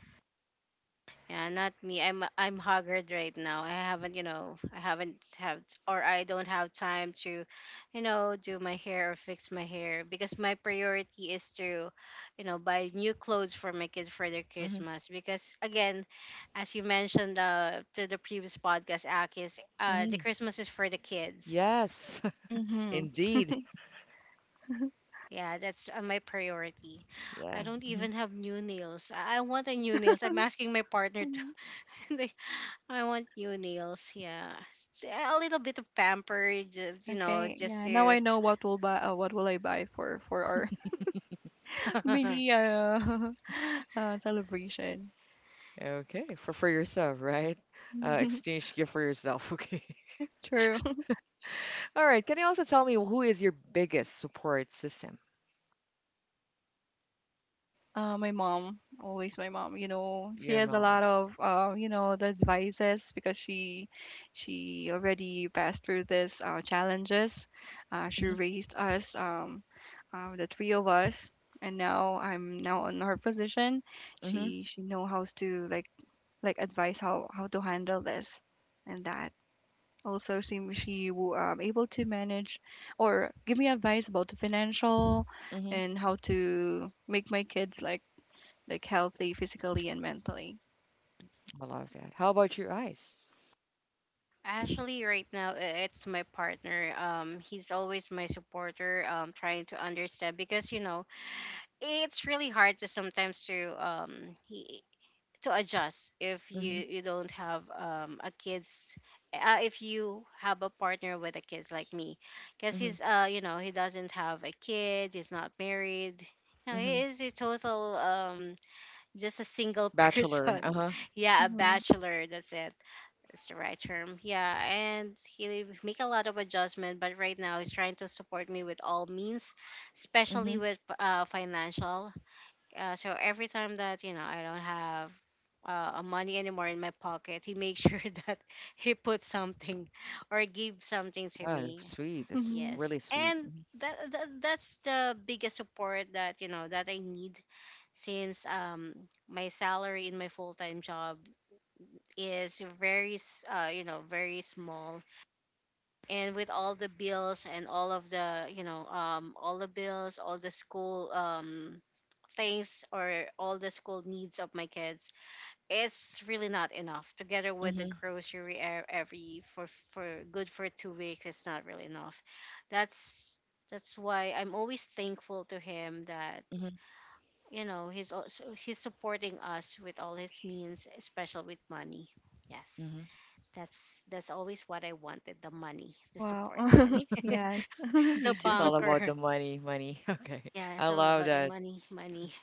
Yeah, not me. I'm I'm haggard right now. I haven't, you know, I haven't have or I don't have time to, you know, do my hair or fix my hair because my priority is to, you know, buy new clothes for my kids for their Hmm. Christmas. Because again, as you mentioned uh to the previous podcast, Akis, uh the Hmm. Christmas is for the kids. Yes, [laughs] Mhm. indeed. Yeah, that's uh, my priority. I Yeah. don't Hmm. even have new nails. I I want a new nails. I'm asking my partner Mhm. [laughs] to [laughs] like, I want new nails. Yeah, S- a little bit of pamper, ju- you know, Okay. just Yeah. Now to. I know what will buy. Uh, what will I buy for for our [laughs] mini [laughs] uh, [laughs] uh celebration. Okay. For for yourself, right? Uh, [laughs] exchange gift for yourself. [laughs] Okay. True. All right. Can you also tell me, who is your biggest support system? Uh, my mom, always my mom, you know, she Your has a mom. lot of, uh, you know, the advices because she, she already passed through this uh, challenges. Uh, she Mm-hmm. raised us, um, uh, the three of us, and now I'm now in her position. She she know how to like like advise how how to handle this, and that also she she will um, able to manage or give me advice about the financial Hmm. and how to make my kids like like healthy physically and mentally. I love that. How about your eyes? Actually, right now i- it's my partner. Um, he's always my supporter. Um, trying to understand because you know it's really hard to sometimes to um he to adjust if you Hmm. you don't have um a kids uh, if you have a partner with a kid like me because Hmm. he's uh you know he doesn't have a kid, he's not married, you know he Hmm. is a total um just a single [laughs] Bachelor. person. Uh-huh. Yeah, a Mm-hmm. bachelor, that's it. That's the right term. Yeah, and he make a lot of adjustment, but right now he's trying to support me with all means, especially Hmm. with uh financial. uh, so every time that you know I don't have uh, money anymore in my pocket, he made sure [laughs] that he put something or gave something to Oh, that's me. sweet. That's Mm-hmm. really Yes. sweet. And that, that that's the biggest support that you know that I need since um my salary in my full-time job is very s- uh you know very small, and with all the bills and all of the you know um all the bills all the school um things or all the school needs of my kids, it's really not enough. Together with the Mm-hmm. grocery, e- every for for good for two weeks, it's not really enough. That's that's why I'm always thankful to him that Hmm. you know he's also he's supporting us with all his means, especially with money. Yes. Hmm. That's that's always what I wanted, the money, the Wow. support money, [laughs] [laughs] Yes. [laughs] the Me too. It's all about the bunker. money, money. [laughs] Okay. Yeah, I it's all love about the that. money, money.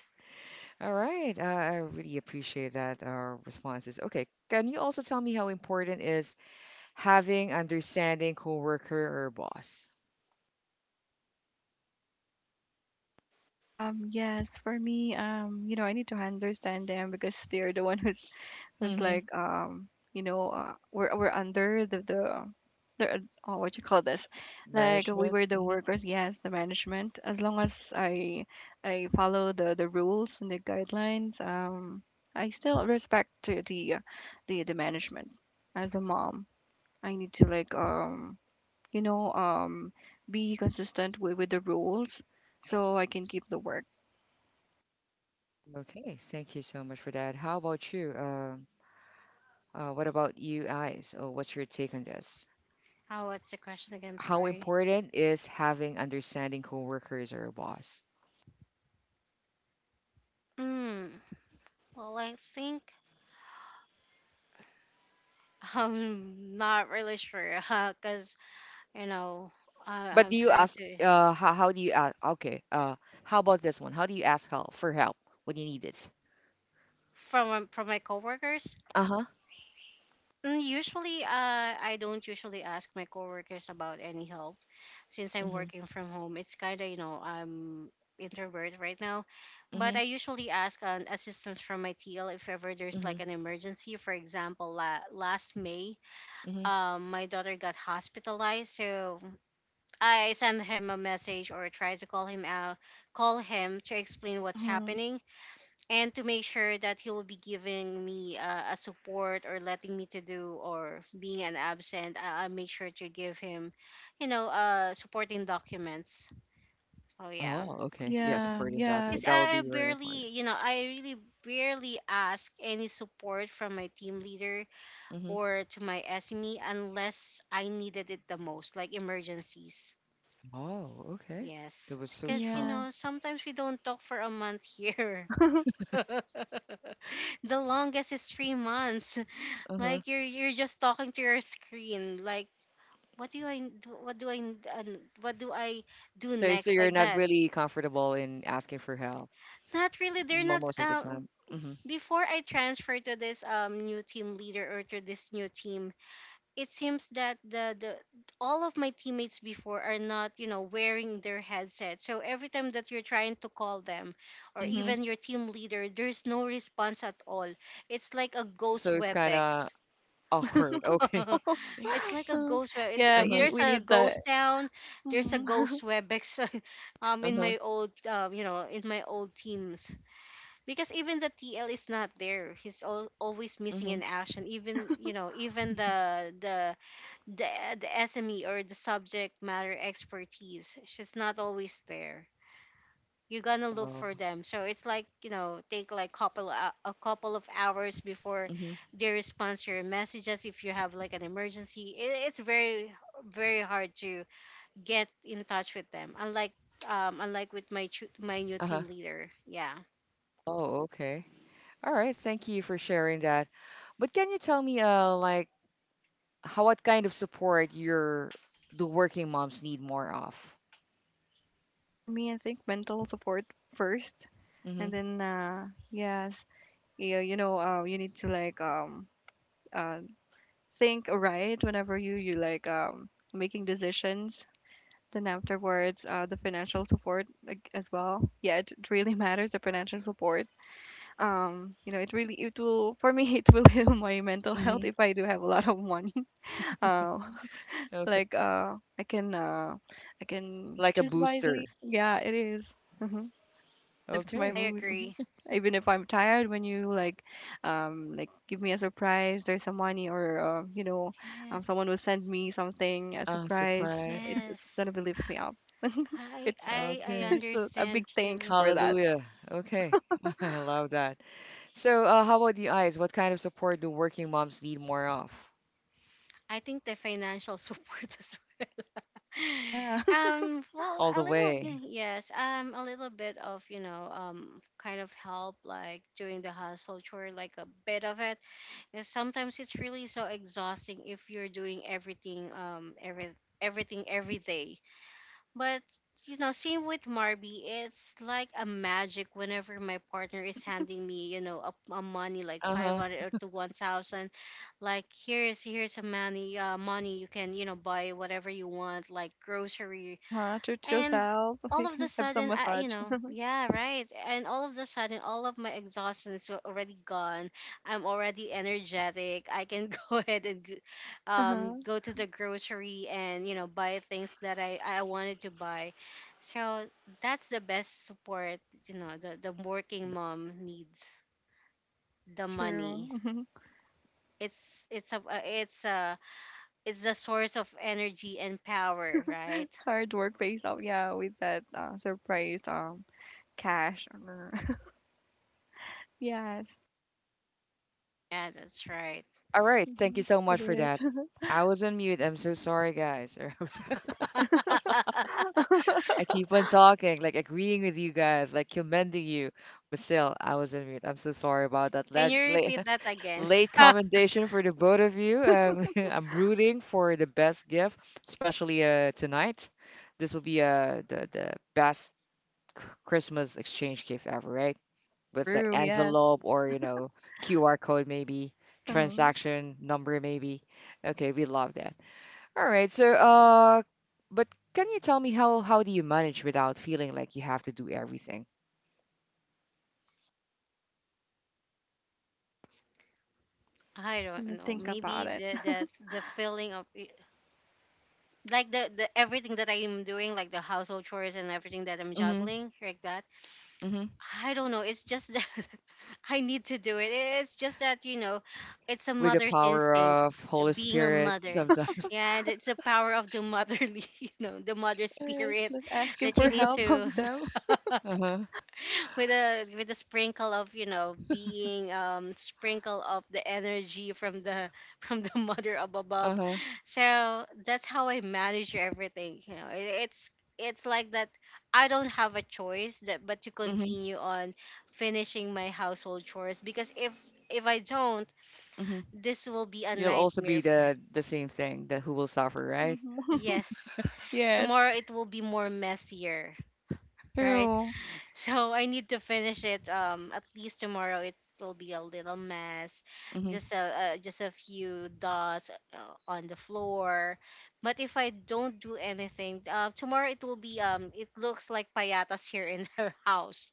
All right. I I really appreciate that, uh, responses. Okay. Can you also tell me how important is having understanding coworker or boss? Um, yes, for me, um, you know, I need to understand them because they're the one who's, who's Mm-hmm. like um, you know, uh, we're we're under the the the oh, what you call this? Like we Management? were the hmm workers, yes, the management. As long as I I follow the the rules and the guidelines, um, I still respect to the uh, the the management. As a mom I need to like um you know um be consistent with, with the rules so I can keep the work. Okay. Thank you so much for that. How about you? Uh, uh, what about you guys? Oh, what's your take on this? Oh, what's the question again? I'm How sorry. important is having understanding coworkers or boss? Mm, well, I think I'm not really sure, [laughs] because you know I, But I'm do you trying ask, to uh, how, how do you ask? Okay, uh, how about this one? How do you ask help for help when you need it? from from my coworkers. Uh-huh. mm, Usually, uh, I don't usually ask my coworkers about any help since I'm Mm-hmm. working from home. It's kind of you know I'm introvert right now, but Mm-hmm. I usually ask an assistance from my T L if ever there's Mm-hmm. like an emergency. For example, la- last May, Mm-hmm. um, my daughter got hospitalized, so I send him a message or try to call him out, call him to explain what's Mm-hmm. happening, and to make sure that he will be giving me uh, a support or letting me to do or being an absent. I, I make sure to give him, you know, uh, supporting documents. Oh yeah, Oh, okay. Yes, Yeah, Freudian yes, because document. That would I I be very important. barely, you know, I really barely ask any support from my team leader Mm-hmm. or to my S M E unless I needed it the most, like emergencies. Oh, okay. That Yes, was so because you strong. yes. know sometimes we don't talk for a month here. [laughs] [laughs] The longest is three months. [laughs] Uh-huh. Like you're you're just talking to your screen. Like what do I do? What do I uh, what do I do So, so next? you're Like not that. really comfortable in asking for help Not really. They're mo- not. most of the Um, time. Mm-hmm. before I transferred to this um new team leader or to this new team, it seems that the, the all of my teammates before are not you know wearing their headset, so every time that you're trying to call them or Mm-hmm. even your team leader, there's no response at all. It's like a ghost So it's kind of webex. awkward. Okay. [laughs] [laughs] It's like a ghost web it's, Yeah, If you, Uh-huh. ne- there's we a need that. ghost town, there's a Hmm. ghost [laughs] webex. [laughs] um in Uh-huh. my old uh, you know in my old teams, because even the T L is not there, he's al- always missing Mm-hmm. in action, even you know even the the the the S M E or the subject matter expertise. She's not always there. You're gonna look for Oh. them. So it's like, you know, take like couple hou- a couple of hours before Mm-hmm. they respond to your messages if you have like an emergency. It, it's very very hard to get in touch with them. Unlike um unlike with my chu- my new team Uh-huh. leader. Yeah. Oh, okay. All right, thank you for sharing that. But can you tell me, uh, like, how what kind of support your the working moms need more of? For me, I think mental support first, and Mm-hmm. then uh, yes, yeah, you know, uh, you need to like um uh think right whenever you you like um making decisions. Then afterwards, uh, the financial support like, as well. Yeah, it, it really [laughs] matters, the financial support. Um, you know, it really, it will, for me [laughs] it will heal my mental Mm-hmm. health if I do have a lot of money. [laughs] Um, Okay. like uh, I can uh, I can Like a choose booster. wisely. Yeah, it is. Mm-hmm, lift my Okay. I mood. Mhm. agree. Even if I'm tired, when you like, um, like give me a surprise, there's some money or uh, you know, um, someone Yes. will send me something, a Ah, surprise. surprise. It, [laughs] it's Yes. gonna be lift me up. [laughs] I It's I I [laughs] Okay. it's a, a big understand thanks you. for that. Hallelujah. Okay. [laughs] I love that. So, uh, how about the eyes? What kind of support do working moms need more of? I think the financial support [laughs] as well. [laughs] Yeah, [laughs] um Well, All a the little way. bit, yes, um a little bit of you know um kind of help like doing the household chore, like a bit of it, because sometimes it's really so exhausting if you're doing everything um every everything every day. But you know, same with Marby, it's like a magic whenever my partner is handing me, you know, a, a money like five Uh-huh. hundred or to one thousand. Like here's here's a money, uh, money you can you know buy whatever you want, like grocery, uh, treat and yourself. [laughs] all of the Have some sudden I, massage. you know yeah right, and all of the sudden all of my exhaustion is already gone. I'm already energetic. I can [laughs] go ahead and g- um, Uh-huh, go to the grocery and you know buy things that i i wanted to buy. So that's the best support, you know, the the working mom needs, the true. money. It's it's a uh, it's a it's the source of energy and power, right? [laughs] Hard work pays off. Yeah, with that uh, surprise um cash. Or- [laughs] yes, Yeah, that's right. All right. Thank you mhm, so it much for is. that. I was on mute. I'm so sorry, guys. [laughs] I was [laughs] I keep on talking, like agreeing with you guys, like commending you. But still, I was on mute. I'm so sorry about that. Can Late, you late, repeat that [laughs] again? late [laughs] commendation for the both of you. Um, [laughs] I'm rooting for the best gift, especially uh, tonight. This will be uh, the, the best c- Christmas exchange gift ever, right? With the True. Yes. envelope or, you know, Q R code maybe, Mhm. transaction number maybe. Okay, we love that. All right. So, uh, but can you tell me how how do you manage without feeling like you have to do everything? I Let don't me know. think Maybe about it. the [laughs] the the feeling of it- like the the everything that I am doing, like the household chores and everything that I'm Mm-hmm. juggling, like that. Mm-hmm. I don't know. It's just that [laughs] I need to do it. It's just that you know, it's a With the mother's power instinct. of The Holy being a Spirit, mother, sometimes. [laughs] yeah, and it's the power of the motherly, [laughs] you know, the mother Yes, spirit but asking that you for need help to from them. [laughs] Uh-huh. with a with a sprinkle of you know being um sprinkle of the energy from the [laughs] from the mother of above. Uh-huh. So that's how I manage everything, you know it, it's it's like that. I don't have a choice that but to Mm-hmm. continue on finishing my household chores because if if I don't, Mm-hmm. this will be a You'll also nightmare be for. the the same thing, the who will suffer, right? Hmm. [laughs] Yes, Yes, tomorrow it will be more messier. [laughs] Right. true. So I need to finish it. Um, at least tomorrow it will be a little mess, just Mm-hmm. a uh, just a few dots uh, on the floor. But if I don't do anything, uh, tomorrow it will be um. It looks like payatas here in [laughs] her house.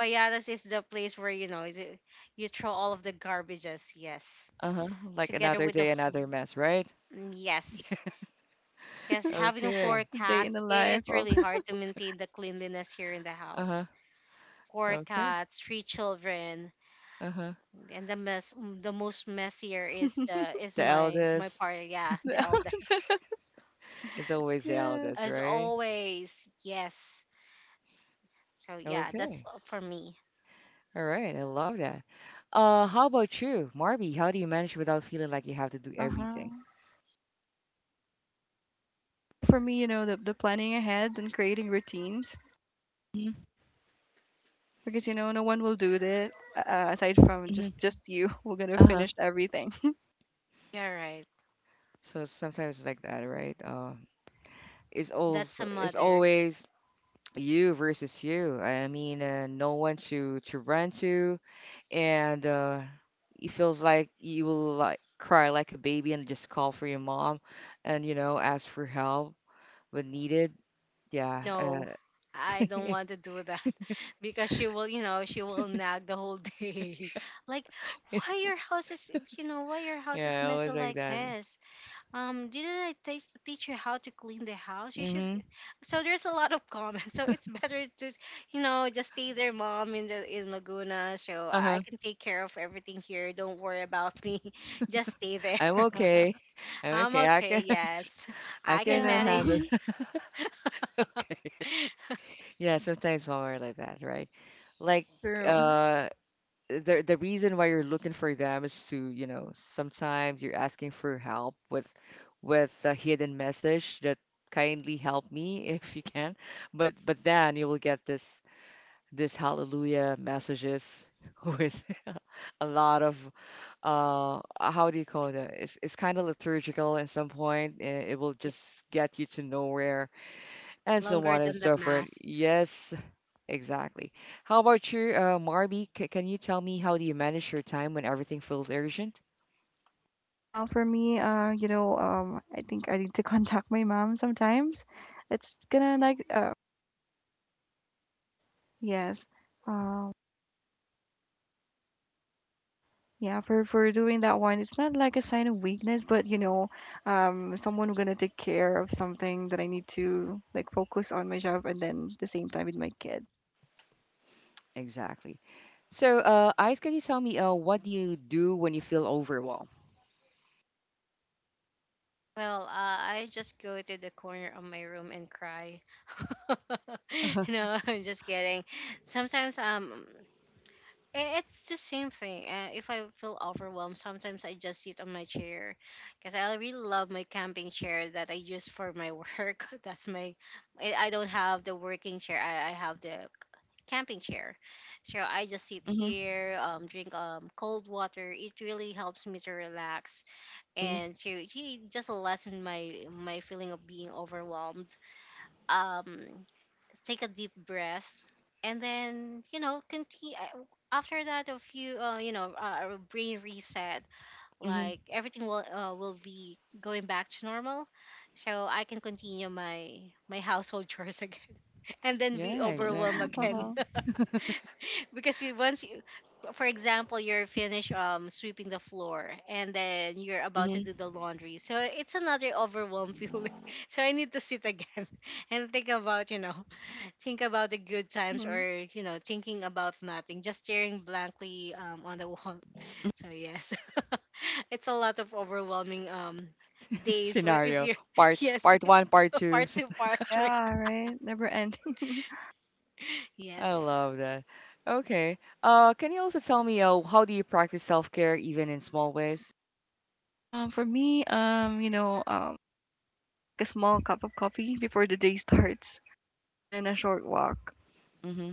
Payatas is the place where you know you you throw all of the garbages. Yes, Uh-huh. Like together another with day, the another f- mess, right? mm, yes. Because having four Okay. The day in the cats, i- life it's of, really hard to maintain the cleanliness here in the Uh-huh. house. Four Okay. cats, three children, Uh-huh. and the mess. The most messier is the is The my my eldest part. Yeah, the eldest. [laughs] is Yes, [laughs] always the yes. as eldest, right? always, yes. So yeah, that's Okay. all for me. All right, I love that. Uh, how about you, Marby? How do you manage without feeling like you have to do Uh everything? huh. Yeah, for me, you know, the the planning ahead and creating routines, because you know no one will do it uh, uh, aside from just Mm-hmm. just you. [laughs] We're gonna Uh-huh. finish everything. You're right. So sometimes it's like that, right? Uh, it's That's a also it's mother. always you versus you. I mean, uh, no one to to run to, and uh, it feels like you will like cry like a baby and just call for your mom, and you know ask for help when needed. Yeah. No, Uh, I don't [laughs] want to do that [laughs] because she will you know she will nag the whole day [laughs] like why your house is, you know why your house is yeah, messy always like like that. this. Um, didn't I teach teach you how to clean the house? You should. Mm-hmm. So there's a lot of comments. [laughs] So it's better to, you know, just stay there, mom, in the in Laguna. So I I Uh-huh. can take care of everything here. Don't worry about me. [laughs] Just stay I'm there. okay. [laughs] I'm I'm okay. I okay. can Yes, [laughs] I I can can [laughs] Yeah, handle. manage. [laughs] Okay. [laughs] Yeah, sometimes women are like that, right? Like [laughs] true. uh the the reason why you're looking for them is to, you know, sometimes you're asking for help with with a hidden message that kindly help me [laughs] if you can. But but then you will get this this hallelujah messages [laughs] with [laughs] a lot of uh uh, how do you call it uh, it's it's kind of liturgical at some point and it will Yeah, just get you to nowhere and so longer on and than the so forth, mass. yes, exactly. How about you, uh Marby? C- can you tell me how do you manage your time when everything feels urgent? Uh, for me, uh, you know, um, I think I need to [laughs] contact my mom sometimes. It's gonna like uh, yes. Um, Yeah, for for doing that one, it's not like a sign of weakness, but you know, um, someone who gonna take care of something that I need to like focus on my job and then the same time with my kid. Exactly. So, uh Ice, can you tell me uh what do you do when you feel overwhelmed? Well, uh, I just go to the corner of my room and cry. [laughs] [laughs] No, I'm just kidding. Sometimes um. I- It's the same thing. Uh, if I feel overwhelmed, sometimes I just sit on my chair because I really love my camping chair that I use for my work. [laughs] That's my, I I don't have the working chair. I, I have the camping chair, so I just sit Mm-hmm. here, um, drink um cold water. It really helps me to relax and to gee, just lessen my my feeling of being overwhelmed. Um, Take a deep breath and then you know continue after that a few uh, you know uh, a brain reset. Mm-hmm. Like everything will uh, will be going back to normal, so I can continue my my household chores [laughs] again and then be Yeah, overwhelmed [laughs] exactly. again. Uh-huh. [laughs] Because you once you, for example, you're finished um sweeping the floor and then you're about to do Mm-hmm. the laundry, so it's another overwhelmed [laughs] feeling. So I need to sit again [laughs] and think about you know think about the good times, Hmm. or you know thinking about nothing, just staring blankly um, on the wall. [laughs] So yes, [laughs] it's a lot of overwhelming um [laughs] days where if Scenario you're [laughs] part yes. part one, part [laughs] two. Part to [laughs] part, right? Yeah, right. Never end. [laughs] I Yes. love that. Okay. Uh, can you also tell me uh, how do you practice self-care even in small ways? Uh, for me, um, you know, um, like a small cup of coffee before the day starts and a short walk. Mm-hmm.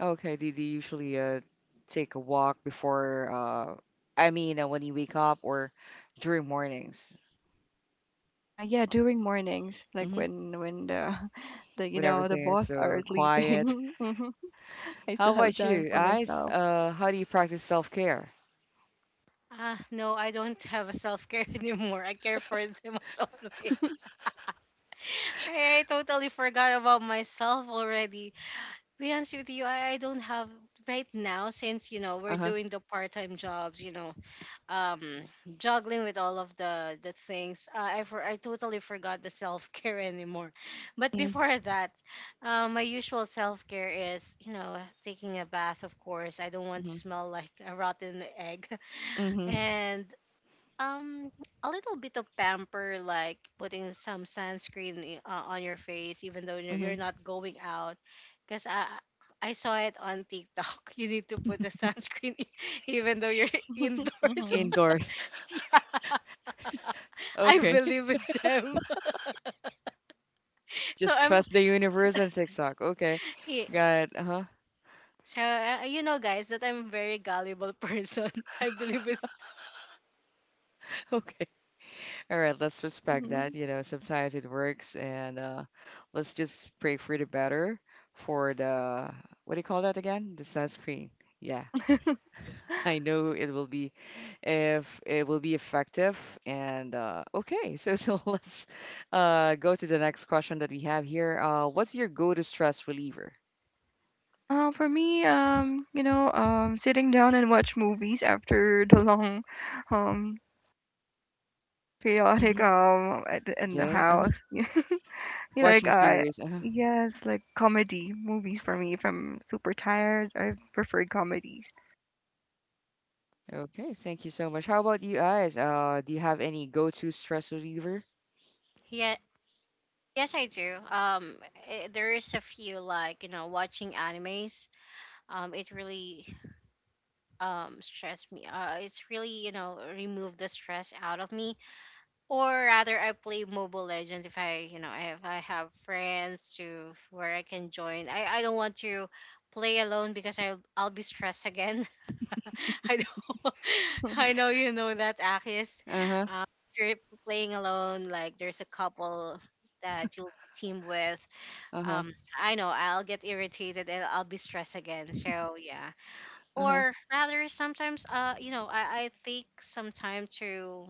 Okay. Do, do you usually uh, take a walk before, uh, I mean, uh, when you wake up or during mornings? Uh, yeah, during mornings, like Mm-hmm. when when the [laughs] the you With know the everything is boss are so quiet. sleeping. [laughs] Mhm. [laughs] I still How have about time you, for guys? myself. Uh, how do you practice self-care? Ah, no, I don't have a self care [laughs] anymore. I care for them as always. [laughs] [laughs] I, I totally forgot about myself already. To be honest with you, I, I don't have right now since, you know, we're Uh-huh. doing the part time jobs, you know, um juggling with all of the the things uh, i for I totally forgot the self-care anymore. [laughs] But before that, uh, my usual self-care is, you know, taking a bath. Of course I don't want to Mm-hmm. smell like a rotten egg [laughs] Mm-hmm. and um a little bit of pamper, like putting some sunscreen i- uh, on your face even though you're Mm-hmm. you're not going out. Because I I saw it on TikTok. [laughs] You need to put the sunscreen [laughs] even though you're [laughs] indoors. Hmm. Indoor. [laughs] Yeah. [laughs] I Okay. believe with [laughs] them. [laughs] So Just I'm, trust the universe and TikTok. Okay. yeah. Got it. Uh-huh. So uh, you know, guys, that I'm a very gullible person. [laughs] I believe with, [laughs] Okay. All right, let's respect Mhm. that. You know, sometimes it works, and uh, let's just pray for the better for the what do you call that again? The sunscreen. Yeah, [laughs] I know it will be if it will be effective. And uh, okay, so [laughs] so let's uh, go to the next question that we have here. Uh, what's your go-to stress reliever? Uh, for me, um, you know, um, sitting down and watch movies after the [laughs] long, um, chaotic Mhm. um at the, in the Jay, uh-huh. house. [laughs] You like Watching I, series. Uh-huh. yes, like comedy movies for me. If I'm super tired, I prefer comedies. Okay, thank you so much. How about you guys? Uh, do you have any go-to stress reliever? yeah, yes, I do. Um, eh, there is a few, like, you know, watching animes. Um, it really um stressed me. Uh, it's really, you know, removed the stress out of me. Or rather, I play Mobile Legends if I, you know, if I have friends to where I can join. I, I don't want to play alone because I I'll I'll be stressed again. [laughs] I know, [laughs] I [laughs] know you know that, Akis. Uh-huh. Um, if you're playing alone, like there's a couple that you'll be team with. Uh-huh. Um, I know I'll get irritated and I'll be stressed again. So yeah. Uh-huh. Or rather, sometimes uh, you know, I I take some time to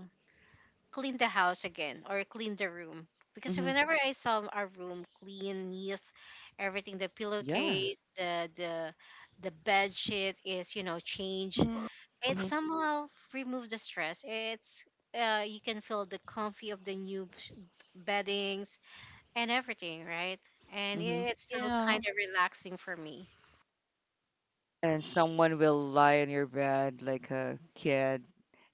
clean the house again or clean the room, because Mhm. whenever I saw our room clean, neat, everything, the Yeah. pillowcase, the the the bed sheet is, you know, changed. Hmm. It hmm somehow remove the stress. It's uh, you can feel the comfy of the new sh- beddings and everything, right? And hmm it's so Yeah, kind of relaxing for me. And someone will lie on your bed like a kid,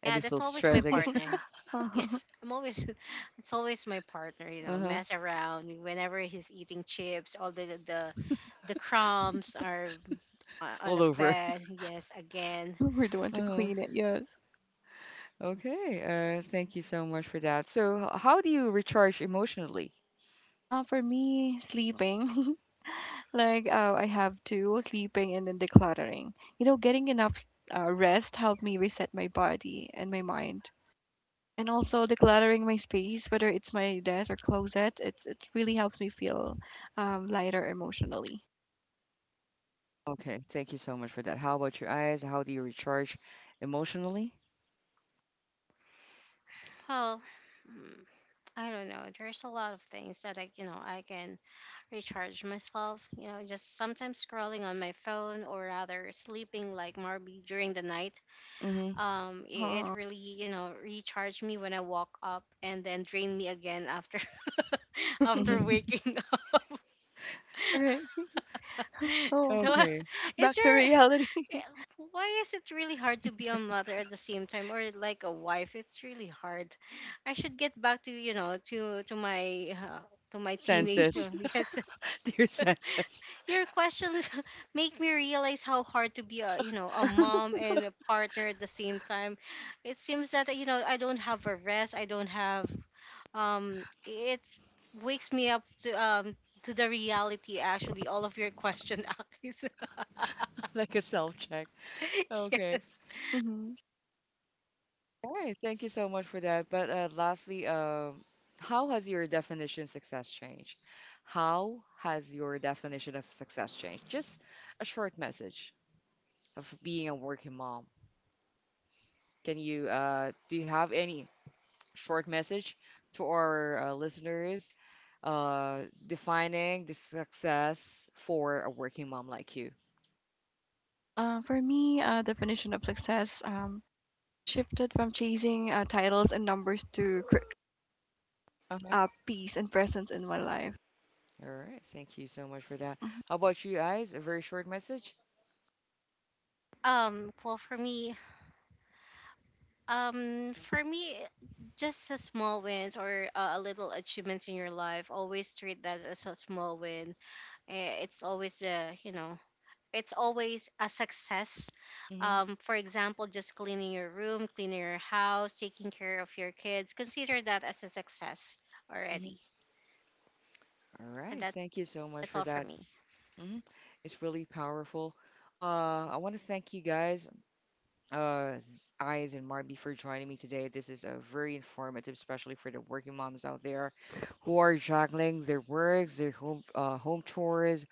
and Yeah, you that's feel always my stressed again. partner. [laughs] [laughs] Yes, [laughs] I'm always [laughs] it's always my partner, you know, Uh-huh. mess around whenever he's eating chips, all the the the crumbs are o- on All the over. [laughs] bed. Yes, again. we're the one to Uh-huh. clean it. Yes. Okay. Uh, thank you so much for that. So, h- how do you recharge emotionally? Uh, for me, sleeping. [laughs] Like, uh, I have two sleeping and then decluttering. You know, getting enough uh, rest helped me reset my body and my mind. And also decluttering my space, whether it's my desk or closet, it's it really helps me feel um, lighter emotionally. Okay. Thank you so much for that. How about your eyes? How do you recharge emotionally? Well, mm, I don't know. There's a lot of things that I, you know, I can recharge myself, you know, just sometimes scrolling on my phone, or rather sleeping like Marby during the night. Mm-hmm. Um it, Uh-huh. it really, you know, recharged me when I woke up and then drained me again after [laughs] after Mm-hmm. waking up. [laughs] You're right. [laughs] [laughs] [laughs] Oh, So Okay. [laughs] [laughs] is back to there, reality. yeah, why is it really hard to be a mother at the same time, or like a wife? It's really hard. I should get back to, you know, to to my uh, to my teenage Senses. [laughs] yes, [laughs] Dear senses. your question [laughs] make me realize how hard to be, a you know, a mom and a partner at the same time. It seems that, you know, I don't have a rest. I don't have um it wakes me up to um to the reality, actually all of your question. [laughs] Actually so, [laughs] Like a self-check. [laughs] Okay. yes. [laughs] Hmm. All right, thank you so much for that. But uh, lastly, uh, how has your definition success changed? How has your definition of success changed? Just a short message of being a working mom. Can you uh, do you have any short message to our uh, listeners uh, defining the success for a working mom like you? Uh, for me, uh, definition of success um, shifted from chasing uh, titles and numbers to cr- Uh-huh. uh, peace and presence in my life. All right, thank you so much for that. Mm-hmm. How about you guys? A very short message? Um well, for me, um for me just a small wins or uh, a little achievements in your life, always treat that as a small win. Eh, it's always uh you know, it's always a success. Mm-hmm. Um, for example, just cleaning your room, cleaning your house, taking care of your kids, consider that as a success already. Mm-hmm. All And right, that, thank you so much that's for all for that. me. Hmm. It's really powerful. Uh, I want to thank you guys, uh, Eyes and Marby, for joining me today. This is a very informative, especially for the working moms out there who are juggling their works, their home uh, home chores,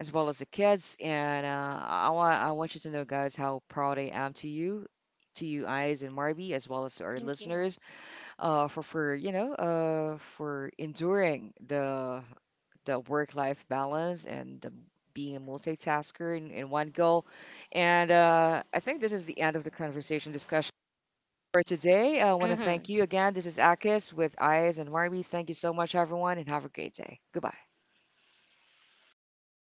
as well as the kids. And uh, I want I want you to know, guys, how proud I am to you, to you, Eyes and Marby, as well as to our Thank you. listeners uh, for for you know uh, for enduring the the work life balance and the, being a multitasker in, in one goal. And uh, I think this is the end of the conversation discussion for today. I want to thank Mhm. you again. This is Akis with Eyes and Marby. Thank you so much, everyone, and have a great day. Goodbye.